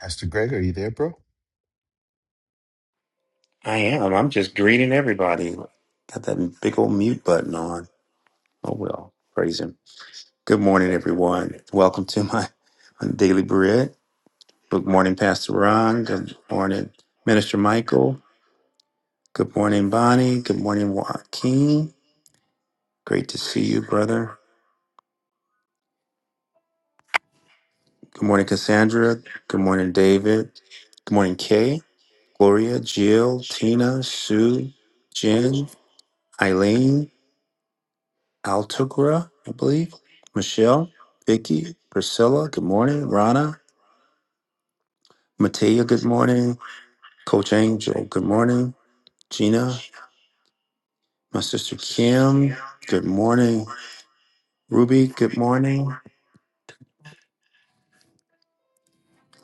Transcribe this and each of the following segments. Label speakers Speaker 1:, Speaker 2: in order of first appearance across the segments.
Speaker 1: Pastor Greg, are you there, bro?
Speaker 2: I am. I'm just greeting everybody. Got that big old mute button on. Oh well. Praise him. Good morning, everyone. Welcome to my my daily bread. Good morning, Pastor Ron. Good morning, Minister Michael. Good morning, Bonnie. Good morning, Joaquin. Great to see you, brother. Good morning, Cassandra. Good morning, David. Good morning, Kay, Gloria, Jill, Tina, Sue, Jen, Eileen. Altagra, I believe. Michelle, Vicky, Priscilla, good morning. Rana, Matea, good morning. Coach Angel, good morning. Gina, my sister Kim, good morning. Ruby, good morning.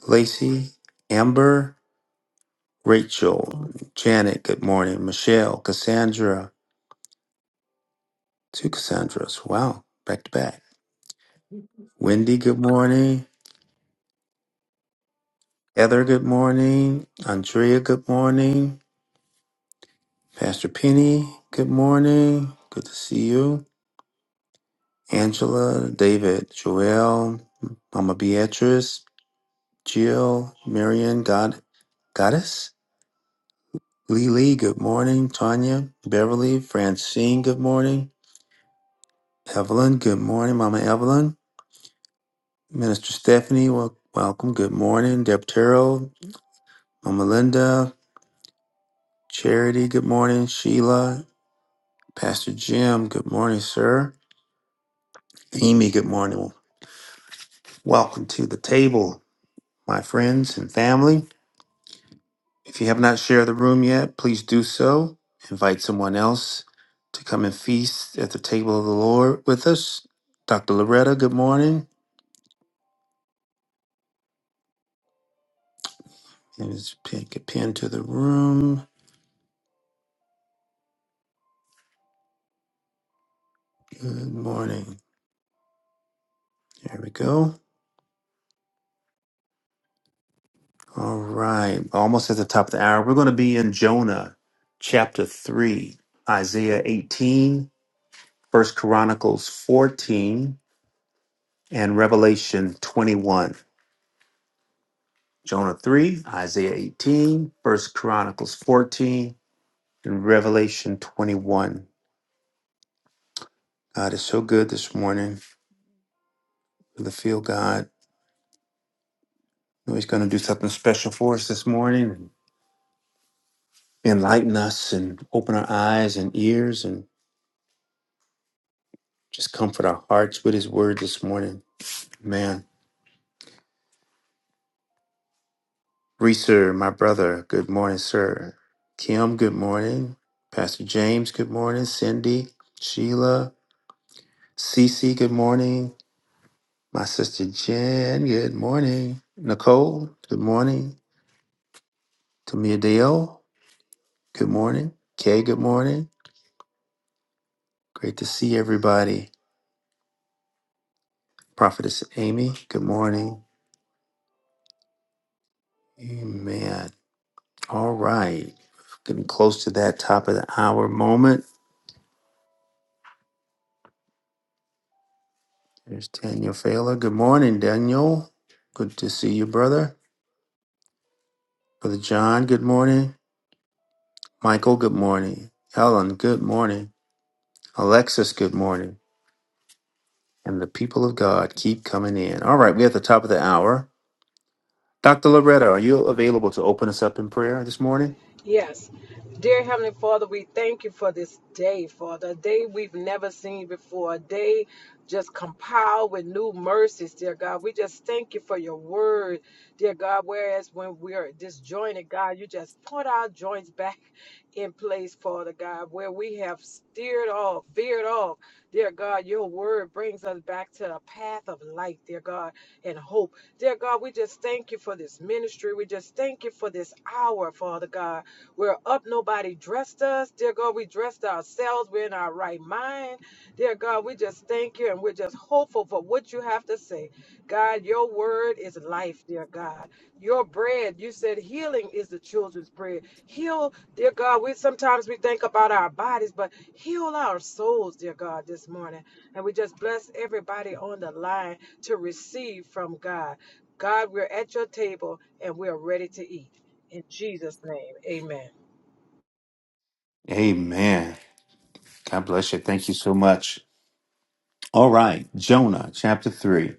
Speaker 2: Lacey, Amber, Rachel, Janet, good morning. Michelle, Cassandra, two Cassandras, wow, back to back. Wendy, good morning. Heather, good morning. Andrea, good morning. Pastor Penny, good morning. Good to see you. Angela, David, Joelle, Mama Beatrice, Jill, Marion, God, Goddess, Lily, good morning. Tanya, Beverly, Francine, good morning. Evelyn, good morning. Mama Evelyn, Minister Stephanie, wel- welcome. Good morning. Deb Terrell, Mama Linda, Charity, good morning. Sheila, Pastor Jim, good morning, sir. Amy, good morning. Welcome to the table. my friends and family. If you have not shared the room yet, please do so. Invite someone else to come and feast at the table of the Lord with us. Dr. Loretta, good morning. And just pick a pin to the room. Good morning. There we go. All right. Almost at the top of the hour. We're going to be in Jonah chapter 3, Isaiah 18, First Chronicles 14, and Revelation 21. Jonah 3, Isaiah 18, First Chronicles 14, and Revelation 21. God is so good this morning. Really feel God. I know He's going to do something special for us this morning and enlighten us and open our eyes and ears and just comfort our hearts with His word this morning. Man. Reeser, my brother, good morning, sir. Kim, good morning. Pastor James, good morning. Cindy, Sheila, Cece, good morning. My sister Jen, good morning. Nicole, good morning. Tamia Dale, good morning. Kay, good morning. Great to see everybody. Prophetess Amy, good morning. Amen. All right. Getting close to that top of the hour moment. There's Daniel Failer. Good morning, Daniel. Good to see you, brother. Brother John, good morning. Michael, good morning. Helen, good morning. Alexis, good morning. And the people of God keep coming in. All right, we're at the top of the hour. Dr. Loretta, are you available to open us up in prayer this morning?
Speaker 3: Yes. Dear Heavenly Father, we thank you for this day, Father, a day we've never seen before, a day just compiled with new mercies, dear God. We just thank you for your word, dear God. Whereas when we are disjointed, God, you just put our joints back in place, Father God, where we have steered off, veered off, dear God. Your word brings us back to the path of light, dear God, and hope. Dear God, we just thank you for this ministry. We just thank you for this hour, Father God. We're up. Nobody dressed us. Dear God, we dressed ourselves. We're in our right mind. Dear God, we just thank you and we're just hopeful for what you have to say. God, your word is life, dear God. Your bread, you said healing is the children's bread. Heal, dear God. We sometimes we think about our bodies, but heal our souls, dear God, this morning. And we just bless everybody on the line to receive from God. God, we're at your table and we're ready to eat. In Jesus' name, amen.
Speaker 2: Amen. God bless you. Thank you so much. All right, Jonah chapter 3.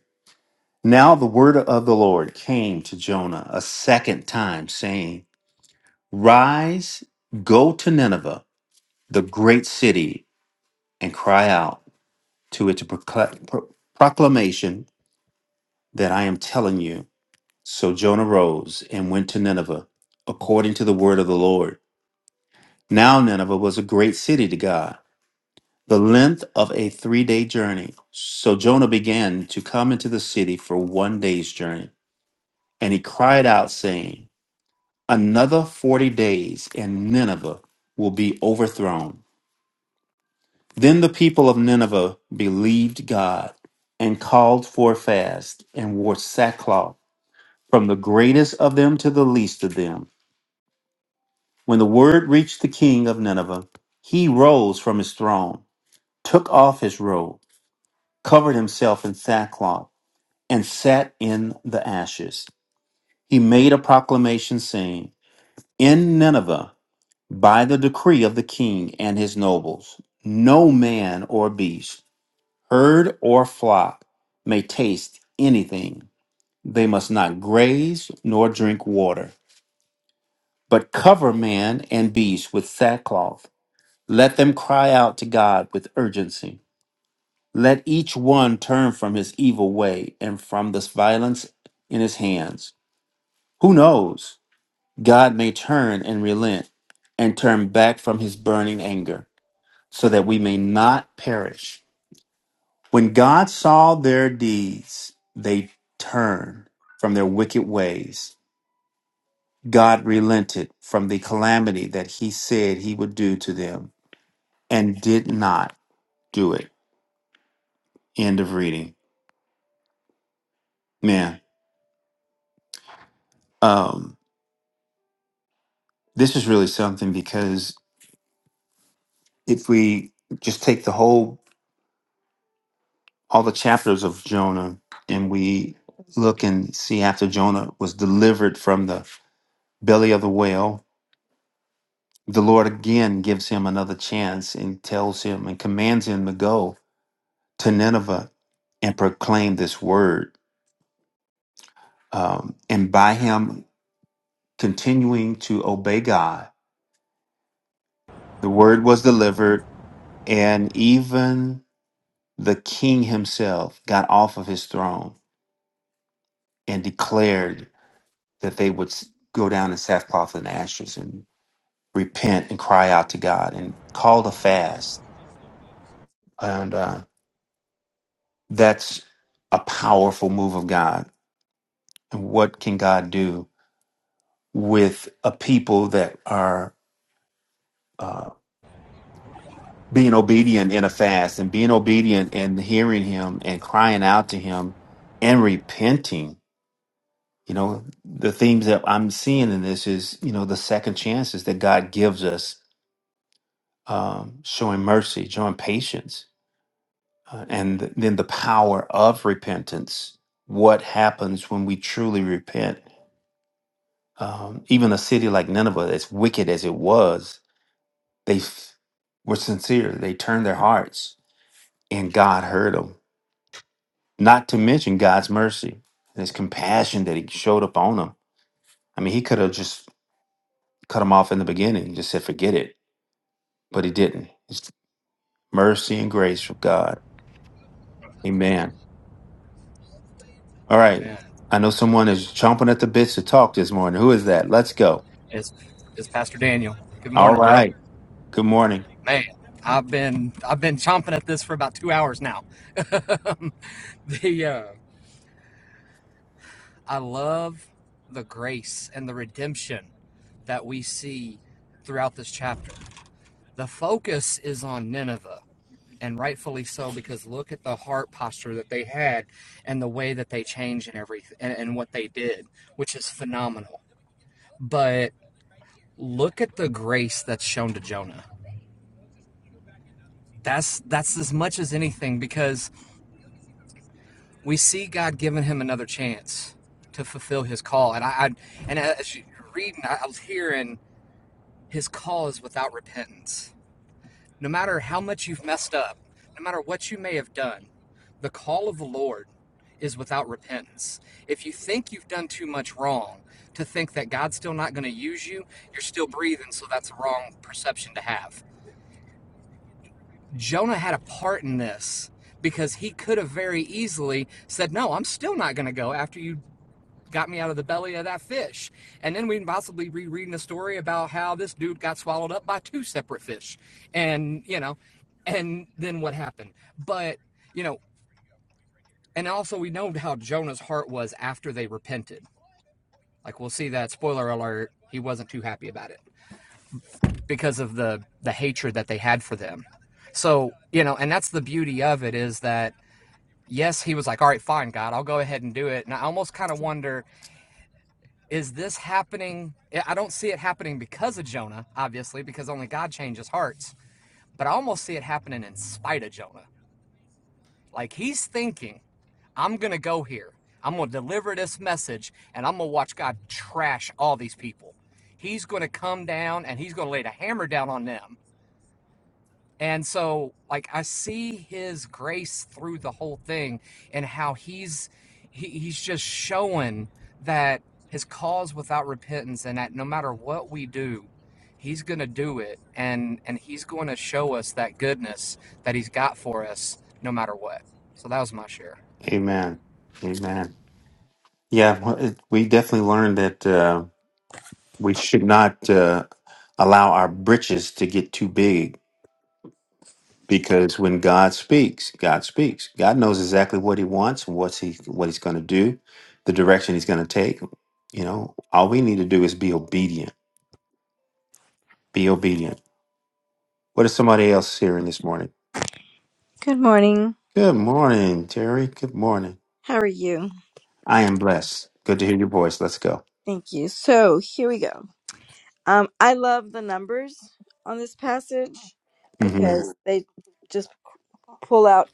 Speaker 2: Now the word of the Lord came to Jonah a second time, saying, Rise, go to Nineveh, the great city, and cry out to it to procla- pro- proclamation that I am telling you. So Jonah rose and went to Nineveh, according to the word of the Lord. Now Nineveh was a great city to God, the length of a three day journey. So Jonah began to come into the city for one day's journey. And he cried out, saying, Another forty days, and Nineveh will be overthrown. Then the people of Nineveh believed God and called for a fast and wore sackcloth, from the greatest of them to the least of them. When the word reached the king of Nineveh, he rose from his throne, took off his robe, covered himself in sackcloth, and sat in the ashes. He made a proclamation saying, In Nineveh, by the decree of the king and his nobles, no man or beast, herd or flock may taste anything. They must not graze nor drink water, but cover man and beast with sackcloth Let them cry out to God with urgency. Let each one turn from his evil way and from this violence in his hands. Who knows? God may turn and relent and turn back from his burning anger so that we may not perish. When God saw their deeds, they turned from their wicked ways. God relented from the calamity that he said he would do to them and did not do it. End of reading. Man, um, this is really something because if we just take the whole all the chapters of jonah and we look and see after jonah was delivered from the belly of the whale the lord again gives him another chance and tells him and commands him to go to nineveh and proclaim this word um, and by him continuing to obey god the word was delivered and even the king himself got off of his throne and declared that they would s- go down in sackcloth and ashes and repent and cry out to God and call a fast. And uh, that's a powerful move of God. And what can God do with a people that are uh, being obedient in a fast and being obedient and hearing Him and crying out to Him and repenting? You know, the themes that I'm seeing in this is, you know, the second chances that God gives us, um, showing mercy, showing patience, uh, and th- then the power of repentance. What happens when we truly repent? Um, even a city like Nineveh, as wicked as it was, they f- were sincere. They turned their hearts, and God heard them. Not to mention God's mercy and His compassion that He showed up on them. I mean, He could have just cut them off in the beginning, and just said, "Forget it." but he didn't. It's mercy and grace from God. Amen. All right.
Speaker 4: Amen.
Speaker 2: I know someone is chomping at the bits to talk this morning. Who is that? Let's go.
Speaker 4: It's it's Pastor Daniel. Good
Speaker 2: All
Speaker 4: morning, bro.
Speaker 2: right. Good morning.
Speaker 4: Man, I've been I've been chomping at this for about two hours now. the uh, I love the grace and the redemption that we see throughout this chapter. The focus is on Nineveh, and rightfully so, because look at the heart posture that they had and the way that they changed and everything and, and what they did, which is phenomenal. But look at the grace that's shown to Jonah That's that's as much as anything because we see God giving him another chance to fulfill his call, and I, I and as you're reading, I I was hearing his call is without repentance. No matter how much you've messed up, no matter what you may have done, the call of the Lord is without repentance. If you think you've done too much wrong, to think that God's still not going to use you, you're still breathing, so that's a wrong perception to have. Jonah had a part in this because he could have very easily said, No, I'm still not going to go after you got me out of the belly of that fish. And then we can possibly be reading a story about how this dude got swallowed up by two separate fish. And, you know, and then what happened. But, you know, and also we know how Jonah's heart was after they repented. Like we'll see that spoiler alert, he wasn't too happy about it because of the the hatred that they had for them. So, you know, and that's the beauty of it is that yes, he was like, all right, fine, God, I'll go ahead and do it. And I almost kind of wonder, is this happening? I- don't see it happening because of Jonah, obviously, because only God changes hearts, but I almost see it happening in spite of Jonah. Like he's thinking, I'm going to go here. I'm going to deliver this message and I'm going to watch God trash all these people. He's going to come down and he's going to lay the hammer down on them And so, like, I see his grace through the whole thing and how he's he, he's just showing that his cause without repentance and that no matter what we do, he's going to do it and and he's going to show us that goodness that he's got for us no matter what. So that was my share.
Speaker 2: Amen. Amen. Yeah, well, it- we definitely learned that uh, we should not uh, allow our britches to get too big because when God speaks, God speaks. God knows exactly what He wants and what's He what He's going to do, the direction He's going to take. You know, all we need to do is be obedient Be obedient. What is somebody else hearing this morning?
Speaker 5: Good morning.
Speaker 2: Good morning, Terry. Good morning.
Speaker 5: How are you?
Speaker 2: I am blessed. Good to hear your voice. Let's go.
Speaker 5: Thank you. So here we go. Um, I love the numbers on this passage
Speaker 2: hmm
Speaker 5: because they just pull out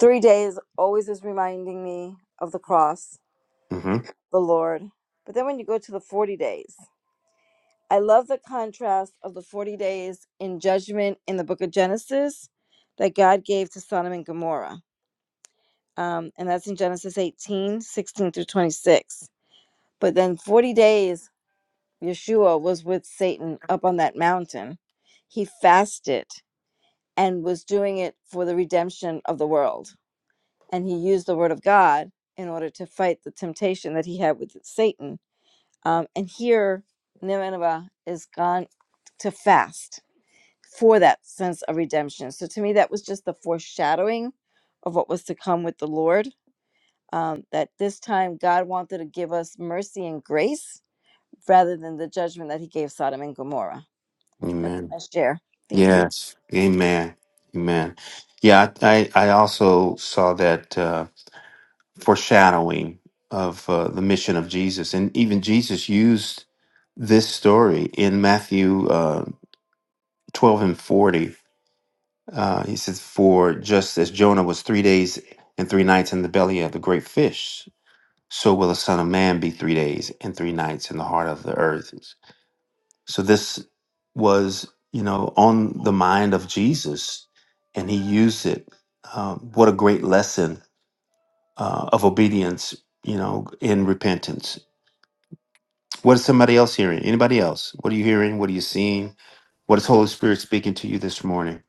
Speaker 5: three days, always is reminding me of the cross,
Speaker 2: hmm
Speaker 5: the Lord. But then when you go to the 40 days, I love the contrast of the 40 days in judgment in the book of Genesis that God gave to Sodom and Gomorrah. Um, and that's in Genesis 18 16 through 26. But then 40 days Yeshua was with Satan up on that mountain, he fasted and was doing it for the redemption of the world. And he used the word of God in order to fight the temptation that he had with Satan. Um, and here, Nineveh is gone to fast for that sense of redemption. So to me, that was just the foreshadowing of what was to come with the Lord. Um, that this time God wanted to give us mercy and grace rather than the judgment that he gave Sodom and Gomorrah. That's
Speaker 2: Amen.
Speaker 5: my share. Thank you.
Speaker 2: Yes. Amen. Amen. Yeah, I, I I also saw that uh, foreshadowing of uh, the mission of Jesus. And even Jesus used this story in Matthew uh, 12 and 40. Uh, he says, For just as Jonah was three days and three nights in the belly of the great fish, so will the Son of Man be three days and three nights in the heart of the earth. So this was, you know, on the mind of Jesus, and he used it. Um, what a great lesson uh, of obedience, you know, in repentance. What is somebody else hearing? Anybody else? What are you hearing? What are you seeing? What is Holy Spirit speaking to you this morning?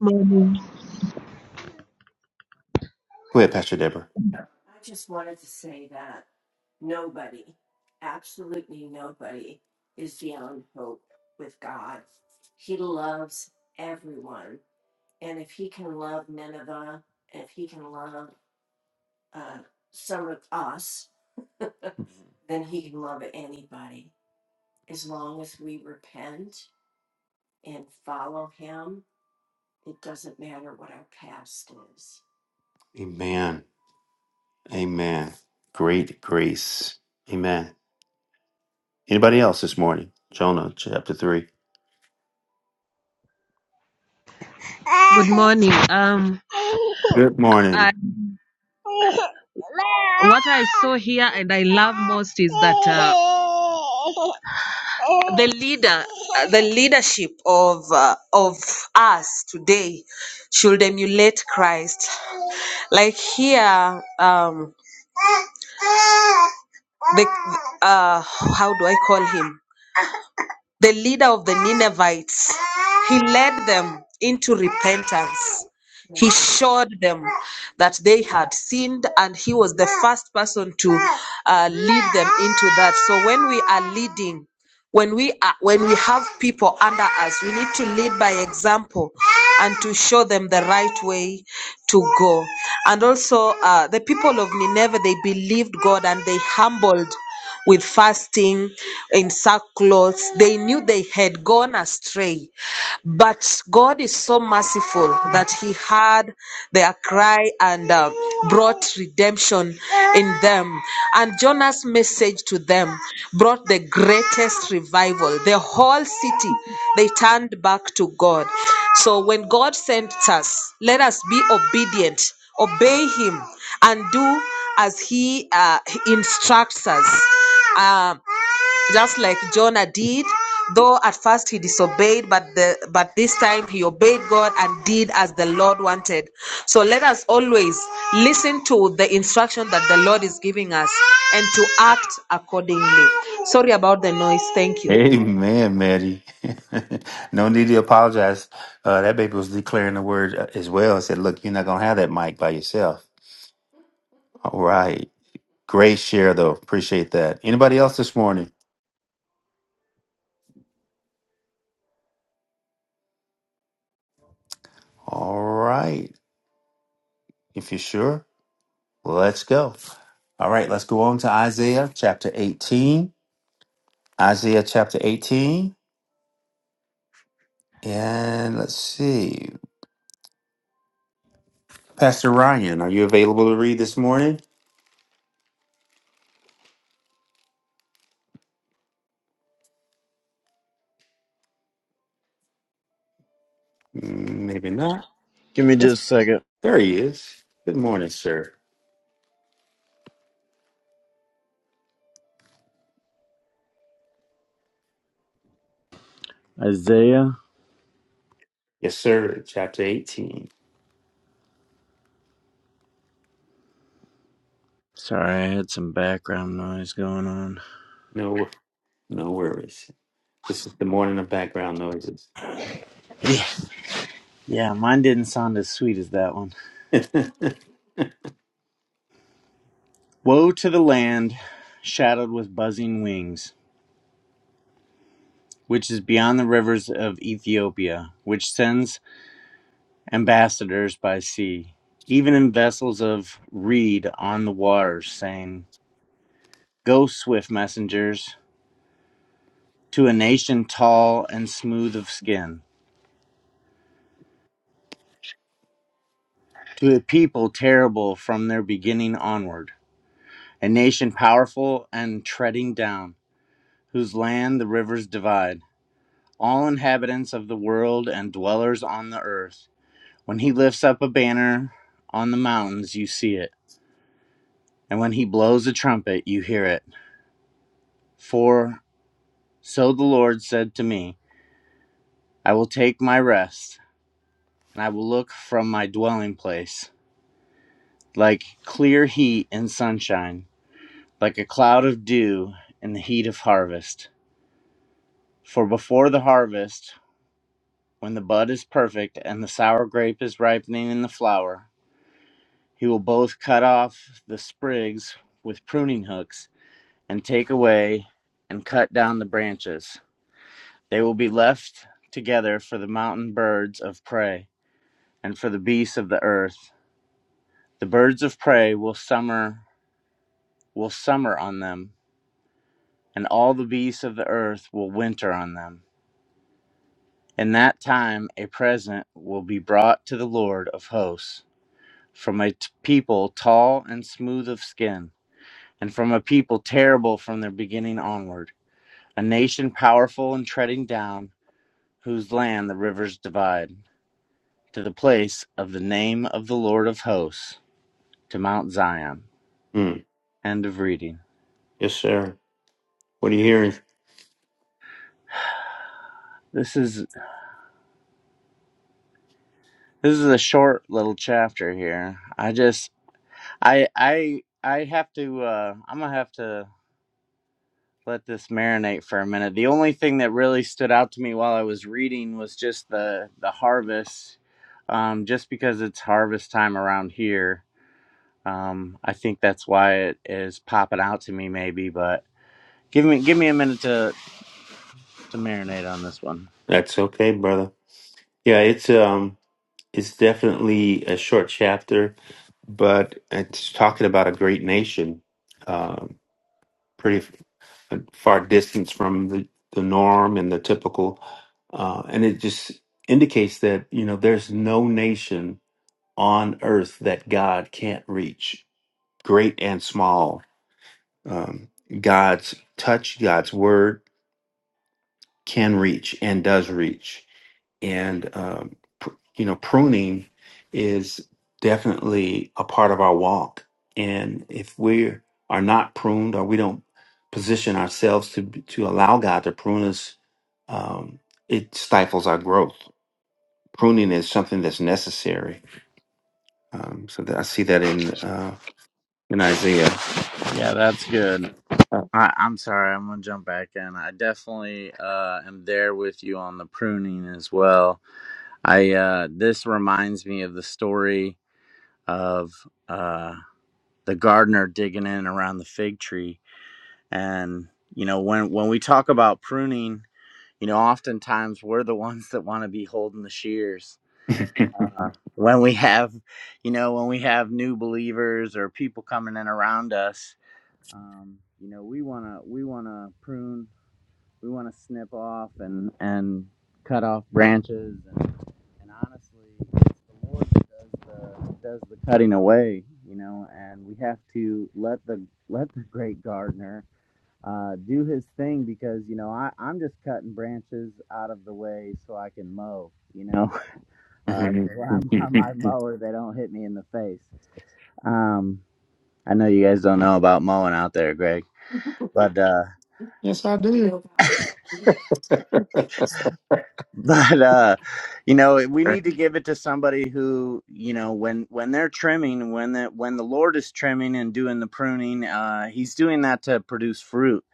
Speaker 6: Morning.
Speaker 2: Go ahead, Pastor Deborah. Amen. Amen. Great grace. Amen. Anybody else this morning? Jonah chapter 3.
Speaker 6: Good morning. Um,
Speaker 2: Good
Speaker 6: I,
Speaker 2: morning.
Speaker 6: what I saw here and I love most is that uh, the leader, uh, the leadership of uh, of us today, should emulate Christ. Like here, um, the uh, how do I call him? the leader of the Ninevites, he led them into repentance. He showed them that they had sinned, and he was the first person to uh, lead them into that. So, when we are leading, when we are when we have people under us we need to lead by example and to show them the right way to go and also uh, the people of nineveh they believed god and they humbled with fasting in sackcloth they knew they had gone astray but God is so merciful that He heard their cry and uh, brought redemption in them. And Jonah's message to them brought the greatest revival. The whole city, they turned back to God. So when God sends us, let us be obedient, obey Him, and do as He uh, instructs us. Um, just like Jonah did, though at first he disobeyed, but the but this time he obeyed God and did as the Lord wanted. So let us always listen to the instruction that the Lord is giving us and to act accordingly. Sorry about the noise. Thank you.
Speaker 2: Amen, Maddie. no need to apologize. Uh, that baby was declaring the word uh, as well and said, Look, you're not going to have that mic by yourself. All right. Great share, though. Appreciate that. Anybody else this morning? All right. If you're sure. Let's go. All right, let's go on to Isaiah chapter 18. Isaiah chapter 18. And let's see. Pastor Ryan, are you available to read this morning? Mm, Maybe not.
Speaker 7: Give me
Speaker 2: Yes,
Speaker 7: just a second.
Speaker 2: there he is. Good morning, sir.
Speaker 7: Isaiah?
Speaker 2: Yes, sir. Chapter 18.
Speaker 7: Sorry, I had some background noise going on.
Speaker 2: No, no worries. This is the morning of background noises.
Speaker 7: Yeah, mine didn't sound as sweet as that one. Woe to the land shadowed with buzzing wings, which is beyond the rivers of Ethiopia, which sends ambassadors by sea, even in vessels of reed on the waters, saying, Go, swift messengers, to a nation tall and smooth of skin, to a people terrible from their beginning onward. A nation powerful and treading down, whose land the rivers divide, all inhabitants of the world and dwellers on the earth. When he lifts up a banner on the mountains, you see it, and when he blows a trumpet, you hear it. For so the Lord said to me, I will take my rest, and I will look from my dwelling place, like clear heat in sunshine, like a cloud of dew in the heat of harvest. For before the harvest, When the bud is perfect and the sour grape is ripening in the flower, he will both cut off the sprigs with pruning hooks and take away and cut down the branches. They will be left together for the mountain birds of prey and for the beasts of the earth. The birds of prey will summer will summer on them, and all the beasts of the earth will winter on them. In that time a present will be brought to the Lord of hosts from a t- people tall and smooth of skin, and from a people terrible from their beginning onward, a nation powerful and treading down, whose land the rivers divide, to the place of the name of the Lord of hosts, to Mount Zion.
Speaker 2: Mm,
Speaker 7: End of reading.
Speaker 2: Yes, sir. What are you hearing?
Speaker 7: This is this is a short little chapter here. I just I I I have to uh I'm gonna have to let this marinate for a minute. The only thing that really stood out to me while I was reading was just the the harvest, um, just because it's harvest time around here. Um, I think that's why it is popping out to me, maybe. But give me give me a minute to to marinate on this one.
Speaker 2: That's okay, brother. Yeah, it's um It's definitely a short chapter, but it's talking about a great nation, um, pretty f- a far distance from the, the norm and the typical. Uh, and it just indicates that, you know, there's no nation on earth that God can't reach, great and small. Um, God's touch, God's word can reach and does reach. and um, pr- you know pruning is definitely a part of our walk and if we are not pruned or we don't position ourselves to be- to allow god to prune us um, it stifles our growth pruning is something that's necessary um, so that i see that in uh, in isaiah
Speaker 7: Yeah, that's good.
Speaker 2: Uh,
Speaker 7: I, I'm sorry, I'm gonna jump back in. I definitely uh, am there with you on the pruning as well. I uh, this reminds me of the story of. uh, the gardener digging in around the fig tree. And you know, when when we talk about pruning, you know, oftentimes we're the ones that want to be holding the shears. When we have, you know, when we have new believers or people coming in around us, um, you know, we wanna we wanna prune we want to snip off and and cut off branches and and honestly it's the lord that does the does the cutting away you know and we have to let the let the great gardener uh, do his thing because you know I, I'm just cutting branches out of the way so I can mow. You know, uh, so I'm on my mower, they don't hit me in the face. Um, I know you guys don't know about mowing out there, Greg, but uh, but uh you know we need to give it to somebody who you know when when they're trimming when the when the lord is trimming and doing the pruning uh he's doing that to produce fruit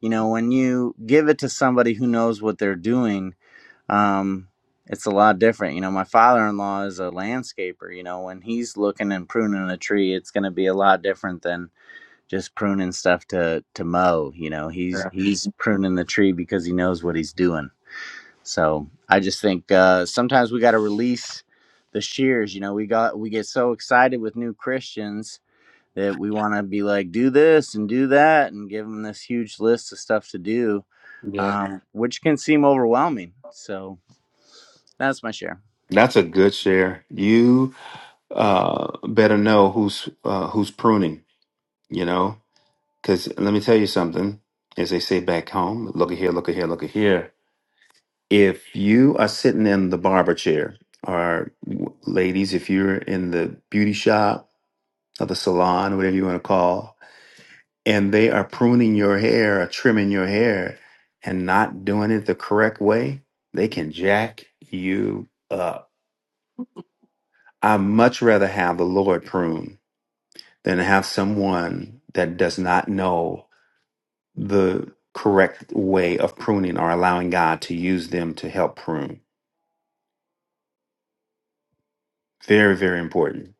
Speaker 7: you know when you give it to somebody who knows what they're doing um it's a lot different you know my father-in-law is a landscaper you know when he's looking and pruning a tree it's going to be a lot different than just pruning stuff to to mow you know he's he's pruning the tree because he knows what he's doing so I just think uh, sometimes we got to release the shears. You know, we got we get so excited with new Christians that we want to be like, do this and do that, and give them this huge list of stuff to do,
Speaker 2: yeah
Speaker 7: um, which can seem overwhelming. So that's my share.
Speaker 2: that's a good share you uh, better know who's uh, who's pruning you know Because let me tell you something, as they say back home, look at here, look at here, look at here. If you are sitting in the barber chair, or w- ladies, if you're in the beauty shop or the salon, whatever you want to call, and they are pruning your hair or trimming your hair and not doing it the correct way, they can jack you up. I much rather have the Lord prune than have someone that does not know the correct way of pruning or allowing God to use them to help prune. Very, very important.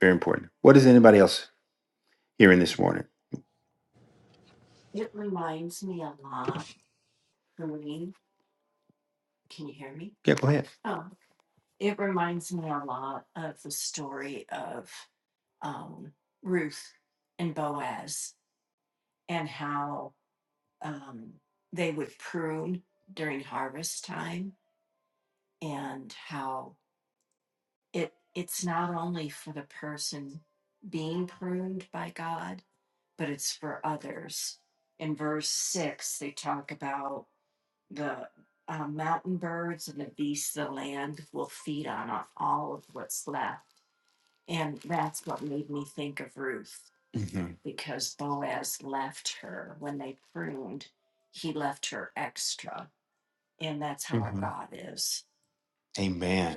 Speaker 2: Very important. What is anybody else hearing this morning? Yeah, go ahead. hmm hmm Amen.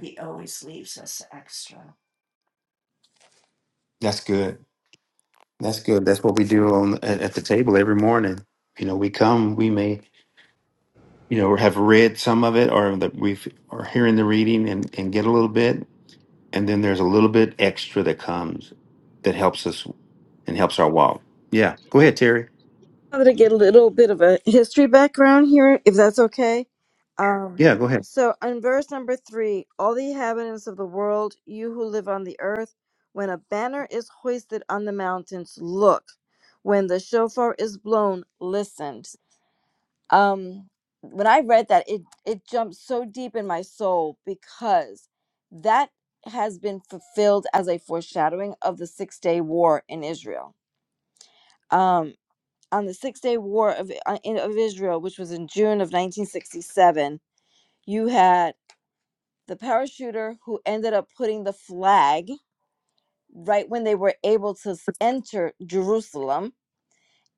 Speaker 2: That's good. That's good. That's what we do on at, at the table every morning. You know, we come, we may, you know, have read some of it or that we've are hearing the reading and, and get a little bit. And then there's a little bit extra that comes that helps us and helps our walk. Yeah. Go ahead, Terry.
Speaker 5: Now that I get a little bit of a history background here, if that's okay. Um,
Speaker 2: Yeah, go ahead.
Speaker 5: so, on verse number three, all the inhabitants of the world, you who live on the earth, when a banner is hoisted on the mountains, look. When the shofar is blown, listen. Um, when I read that, it it jumped so deep in my soul because that has been fulfilled as a foreshadowing of the six day war in Israel. Um, on the Six Day War of, uh, of Israel, which was in June of 1967, you had the parachuter who ended up putting the flag right when they were able to enter Jerusalem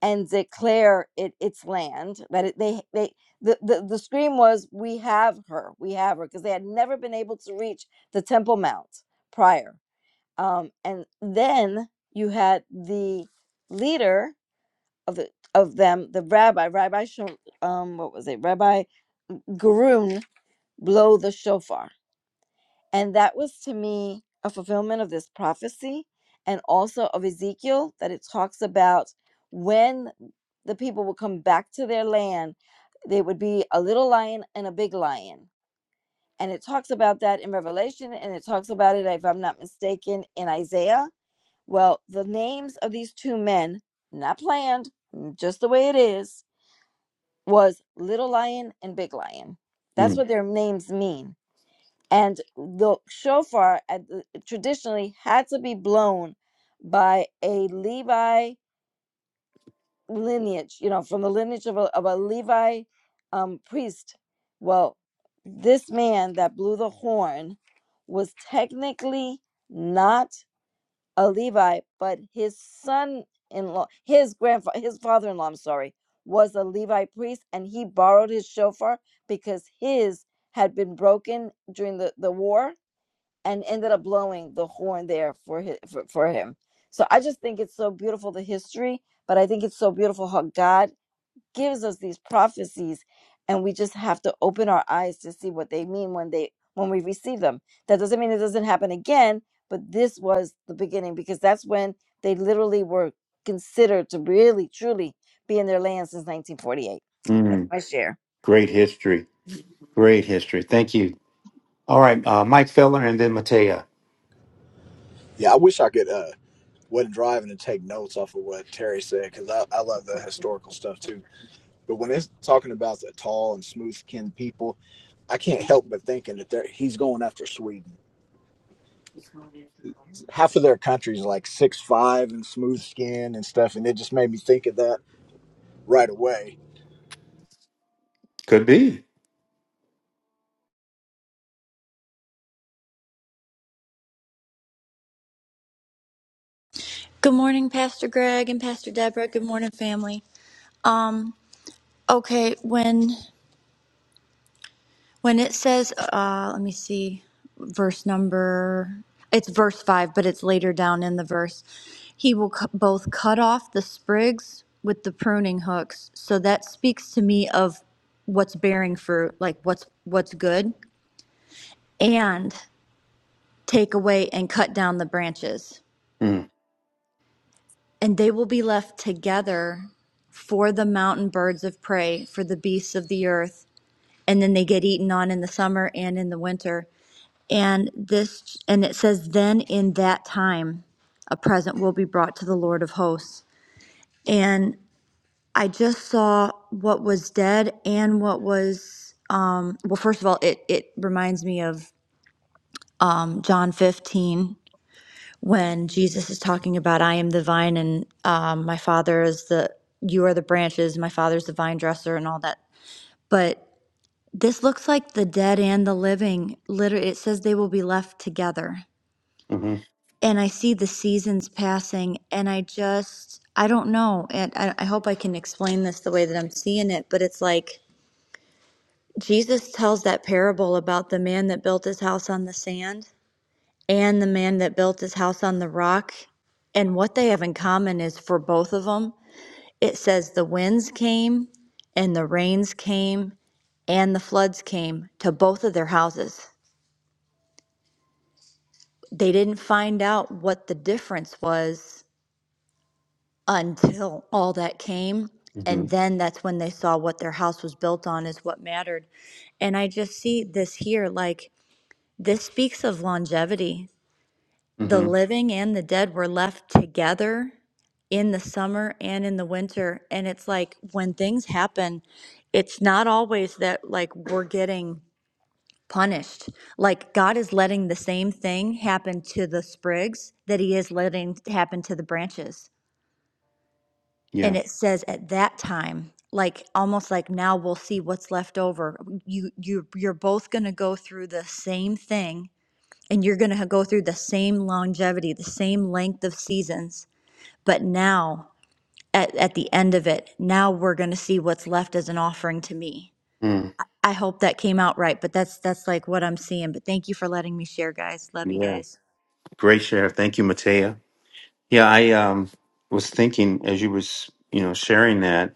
Speaker 5: and declare it its land. That it, they they the, the the scream was, "We have her, we have her," because they had never been able to reach the Temple Mount prior. Um, and then you had the leader of the of them the rabbi rabbi Shul, um what was it rabbi Garun blow the shofar and that was to me a fulfillment of this prophecy and also of Ezekiel that it talks about when the people will come back to their land there would be a little lion and a big lion and it talks about that in Revelation and it talks about it if I'm not mistaken in Isaiah well the names of these two men not planned just the way it is was Little Lion and Big Lion. That's
Speaker 2: Mm,
Speaker 5: what their names mean. And the shofar at the, traditionally had to be blown by a Levi lineage, you know, from the lineage of a, of a Levi um, priest. Well, this man that blew the horn was technically not a Levi, but his son-in-law, his grandfather, his father-in-law, I'm sorry, was a Levi priest, and he borrowed his shofar because his had been broken during the, the war and ended up blowing the horn there for, his, for for him. So I just think it's so beautiful the history, but I think it's so beautiful how God gives us these prophecies and we just have to open our eyes to see what they mean when they when we receive them that doesn't mean it doesn't happen again but this was the beginning because that's when they literally were considered to really truly be in their land since 1948 that's
Speaker 2: mm.
Speaker 5: my share
Speaker 2: Great history. Great history. Thank you. All right, uh, Mike Feller and then Matea.
Speaker 8: Yeah, I wish I could uh wasn't driving and take notes off of what Terry said because I, I love the historical stuff too. But when it's talking about the tall and smooth skinned people, I can't help but thinking that they're, he's going after Sweden. Half of their country's like six five and smooth skin and stuff, and it just made me think of that right away.
Speaker 2: Could be.
Speaker 9: Good morning, Pastor Greg and Pastor Deborah. Good morning, family. Um, okay, when when it says, uh, let me see, verse number, it's verse five, but it's later down in the verse. He will cu- both cut off the sprigs with the pruning hooks. So that speaks to me of what's bearing fruit, like what's what's good, and take away and cut down the branches.
Speaker 2: Mm,
Speaker 9: And they will be left together for the mountain birds of prey, for the beasts of the earth. And then they get eaten on in the summer and in the winter. And this, and it says, then in that time, a present will be brought to the Lord of hosts. And I just saw what was dead and what was, um, well, first of all, it, it reminds me of um, John 15 when Jesus is talking about I am the vine and um, my father is the you are the branches, my father's the vine dresser and all that. But this looks like the dead and the living. Literally, it says they will be left together.
Speaker 2: hmm
Speaker 9: And I see the seasons passing, and I just I don't know. And I, I hope I can explain this the way that I'm seeing it. But it's like Jesus tells that parable about the man that built his house on the sand and the man that built his house on the rock. And what they have in common is for both of them, it says the winds came and the rains came and the floods came to both of their houses. They didn't find out what the difference was until all that came.
Speaker 2: hmm
Speaker 9: And then that's when they saw what their house was built on is what mattered. And I just see this here like this speaks of longevity. the
Speaker 2: hmm
Speaker 9: living and the dead were left together in the summer and in the winter. And it's like when things happen, it's not always that like we're getting punished. Like God is letting the same thing happen to the sprigs that He is letting happen to the branches. And
Speaker 2: Yeah.
Speaker 9: it says at that time, like almost like now we'll see what's left over. You you you're both going to go through the same thing and you're going to go through the same longevity, the same length of seasons. But now, at, at the end of it, now we're going to see what's left as an offering to me.
Speaker 2: Mm,
Speaker 9: I hope that came out right, but that's that's like what I'm seeing. But thank you for letting me share, guys. Love you
Speaker 2: yeah.
Speaker 9: guys.
Speaker 2: Great share. Thank you, Matea. Yeah, I um, was thinking as you was you know sharing that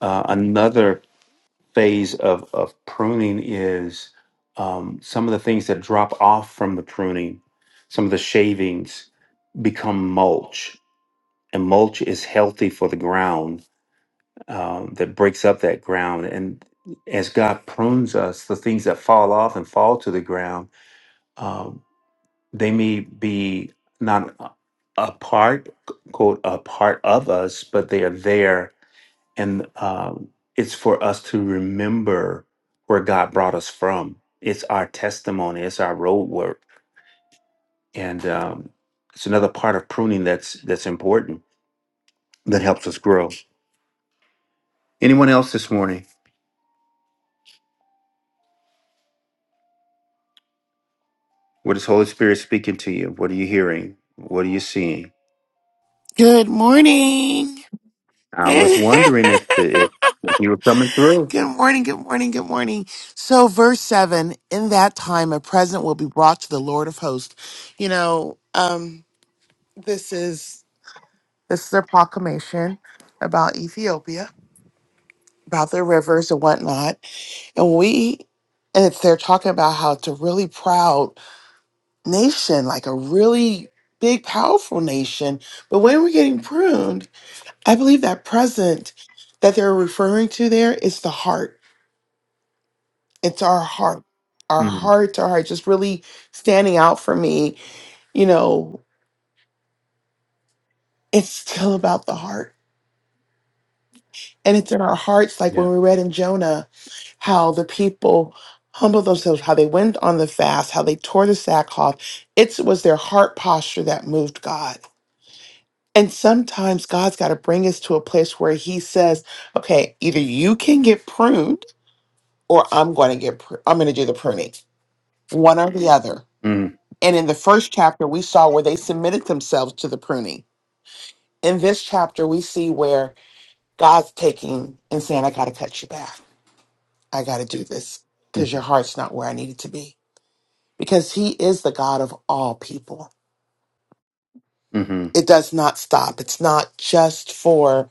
Speaker 2: uh, another phase of of pruning is um, some of the things that drop off from the pruning, some of the shavings become mulch and mulch is healthy for the ground um, that breaks up that ground and as god prunes us the things that fall off and fall to the ground um, they may be not a a part quote a part of us but they are there and um, it's for us to remember where god brought us from it's our testimony it's our road work and um, it's another part of pruning that's that's important that helps us grow anyone else this morning What is Holy Spirit speaking to you? What are you hearing? What are you seeing?
Speaker 10: Good morning.
Speaker 2: I was
Speaker 10: good
Speaker 2: wondering if the if you were coming through.
Speaker 10: morning, good morning, good morning. So, verse 7 In that time, a present will be brought to the Lord of hosts. You know, um, this is this is their proclamation about Ethiopia, about their rivers and whatnot. And we, and it's, they're talking about how it's a really proud nation, like a really big, powerful nation. But when we're getting pruned, I believe that present that they're referring to there is the heart. It's our heart, our
Speaker 2: hmm
Speaker 10: heart, our heart, just really standing out for me. You know, it's still about the heart. And it's in our hearts, like
Speaker 2: Yeah.
Speaker 10: when we read in Jonah, how the people humbled themselves, how they went on the fast, how they tore the sackcloth. It was their heart posture that moved God. And sometimes God's got to bring us to a place where He says, okay, either you can get pruned or I'm going to get, pr- I'm going to do the pruning, one or the other.
Speaker 2: Mm-hmm.
Speaker 10: And in the first chapter, we saw where they submitted themselves to the pruning. In this chapter, we see where God's taking and saying, I got to cut you back. I got to do this because your heart's not where I need it to be. Because He is the God of all people.
Speaker 2: Mm-hmm.
Speaker 10: It does not stop. It's not just for,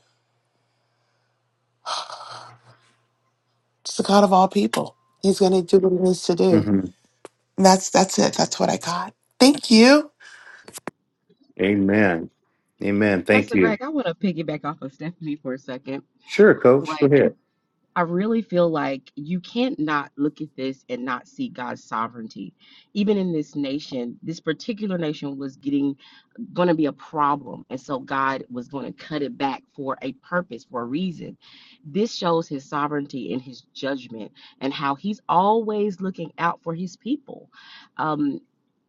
Speaker 10: it's the God of all people. He's going to do what He needs to do.
Speaker 2: hmm
Speaker 10: And that's, that's it. That's what I got. Thank you.
Speaker 2: Amen. Amen. Thank
Speaker 11: Pastor
Speaker 2: you.
Speaker 11: Greg, I want to piggyback off of Stephanie for a second.
Speaker 2: Sure, Coach.
Speaker 11: Like,
Speaker 2: Go ahead.
Speaker 11: I really feel like you can't not look at this and not see God's sovereignty. Even in this nation, this particular nation was getting going to be a problem. And so God was going to cut it back for a purpose, for a reason. This shows his sovereignty and his judgment and how he's always looking out for his people. Um,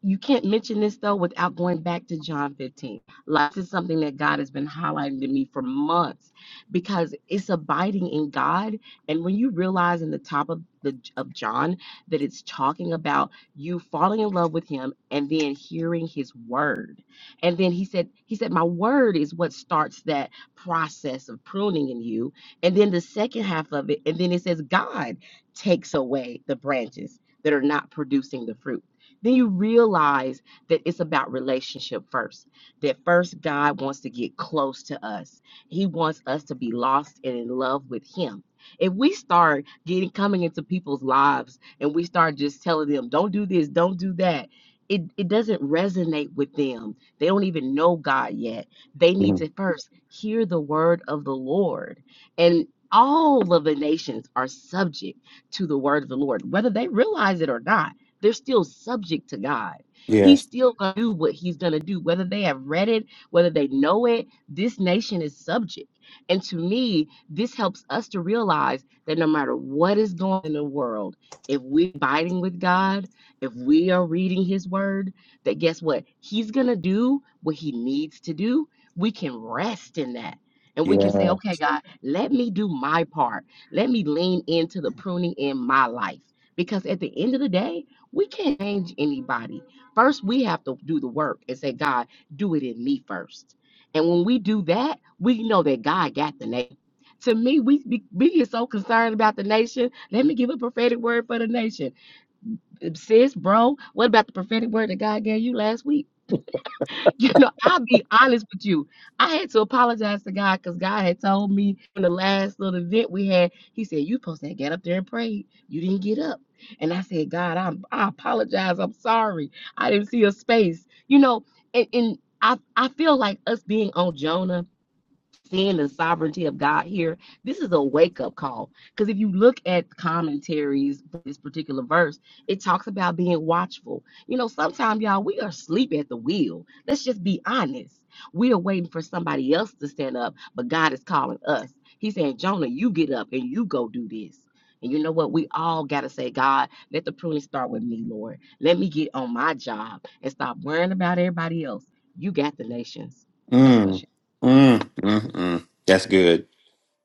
Speaker 11: you can't mention this though without going back to John 15. Like, this is something that God has been highlighting to me for months because it's abiding in God and when you realize in the top of the of John that it's talking about you falling in love with him and then hearing his word. And then he said he said my word is what starts that process of pruning in you. And then the second half of it and then it says God takes away the branches that are not producing the fruit. Then you realize that it's about relationship first. That first God wants to get close to us. He wants us to be lost and in love with him if we start getting coming into people's lives and we start just telling them, don't do this, don't do that, it, it doesn't resonate with them. They don't even know God yet. They need
Speaker 2: Mhm.
Speaker 11: to first hear the word of the Lord. And all of the nations are subject to the word of the Lord, whether they realize it or not. They're still subject to God. He's
Speaker 2: Yes.
Speaker 11: still going to do what he's going to do, whether they have read it, whether they know it. This nation is subject. And to me, this helps us to realize that no matter what is going on in the world, if we're abiding with God, if we are reading His Word, that guess what? He's going to do what He needs to do. We can rest in that. And we can say, okay, God, let me do my part. Let me lean into the pruning in my life. Because at the end of the day, we can't change anybody. First, we have to do the work and say, God, do it in me first. And when we do that, we know that God got the name. To me, we be, we get so concerned about the nation. Let me give a prophetic word for the nation. Sis, bro, what about the prophetic word that God gave you last week? You know, I'll be honest with you. I had to apologize to God because God had told me in the last little event we had, He said, You supposed to get up there and pray. You didn't get up. And I said, God, I'm, I apologize. I'm sorry. I didn't see a space. You know, and, and I, I feel like us being on Jonah seeing the sovereignty of God here, this is a wake up call. Because if you look at commentaries for this particular verse, it talks about being watchful. You know, sometimes, y'all, we are asleep at the wheel. Let's just be honest. We are waiting for somebody else to stand up, but God is calling us. He's saying, Jonah, you get up and you go do this. And you know what? We all got to say, God, let the pruning start with me, Lord. Let me get on my job and stop worrying about everybody else. You got the nations. That's my
Speaker 2: Mm,
Speaker 11: shit.
Speaker 2: mm, mm, mm. That's good.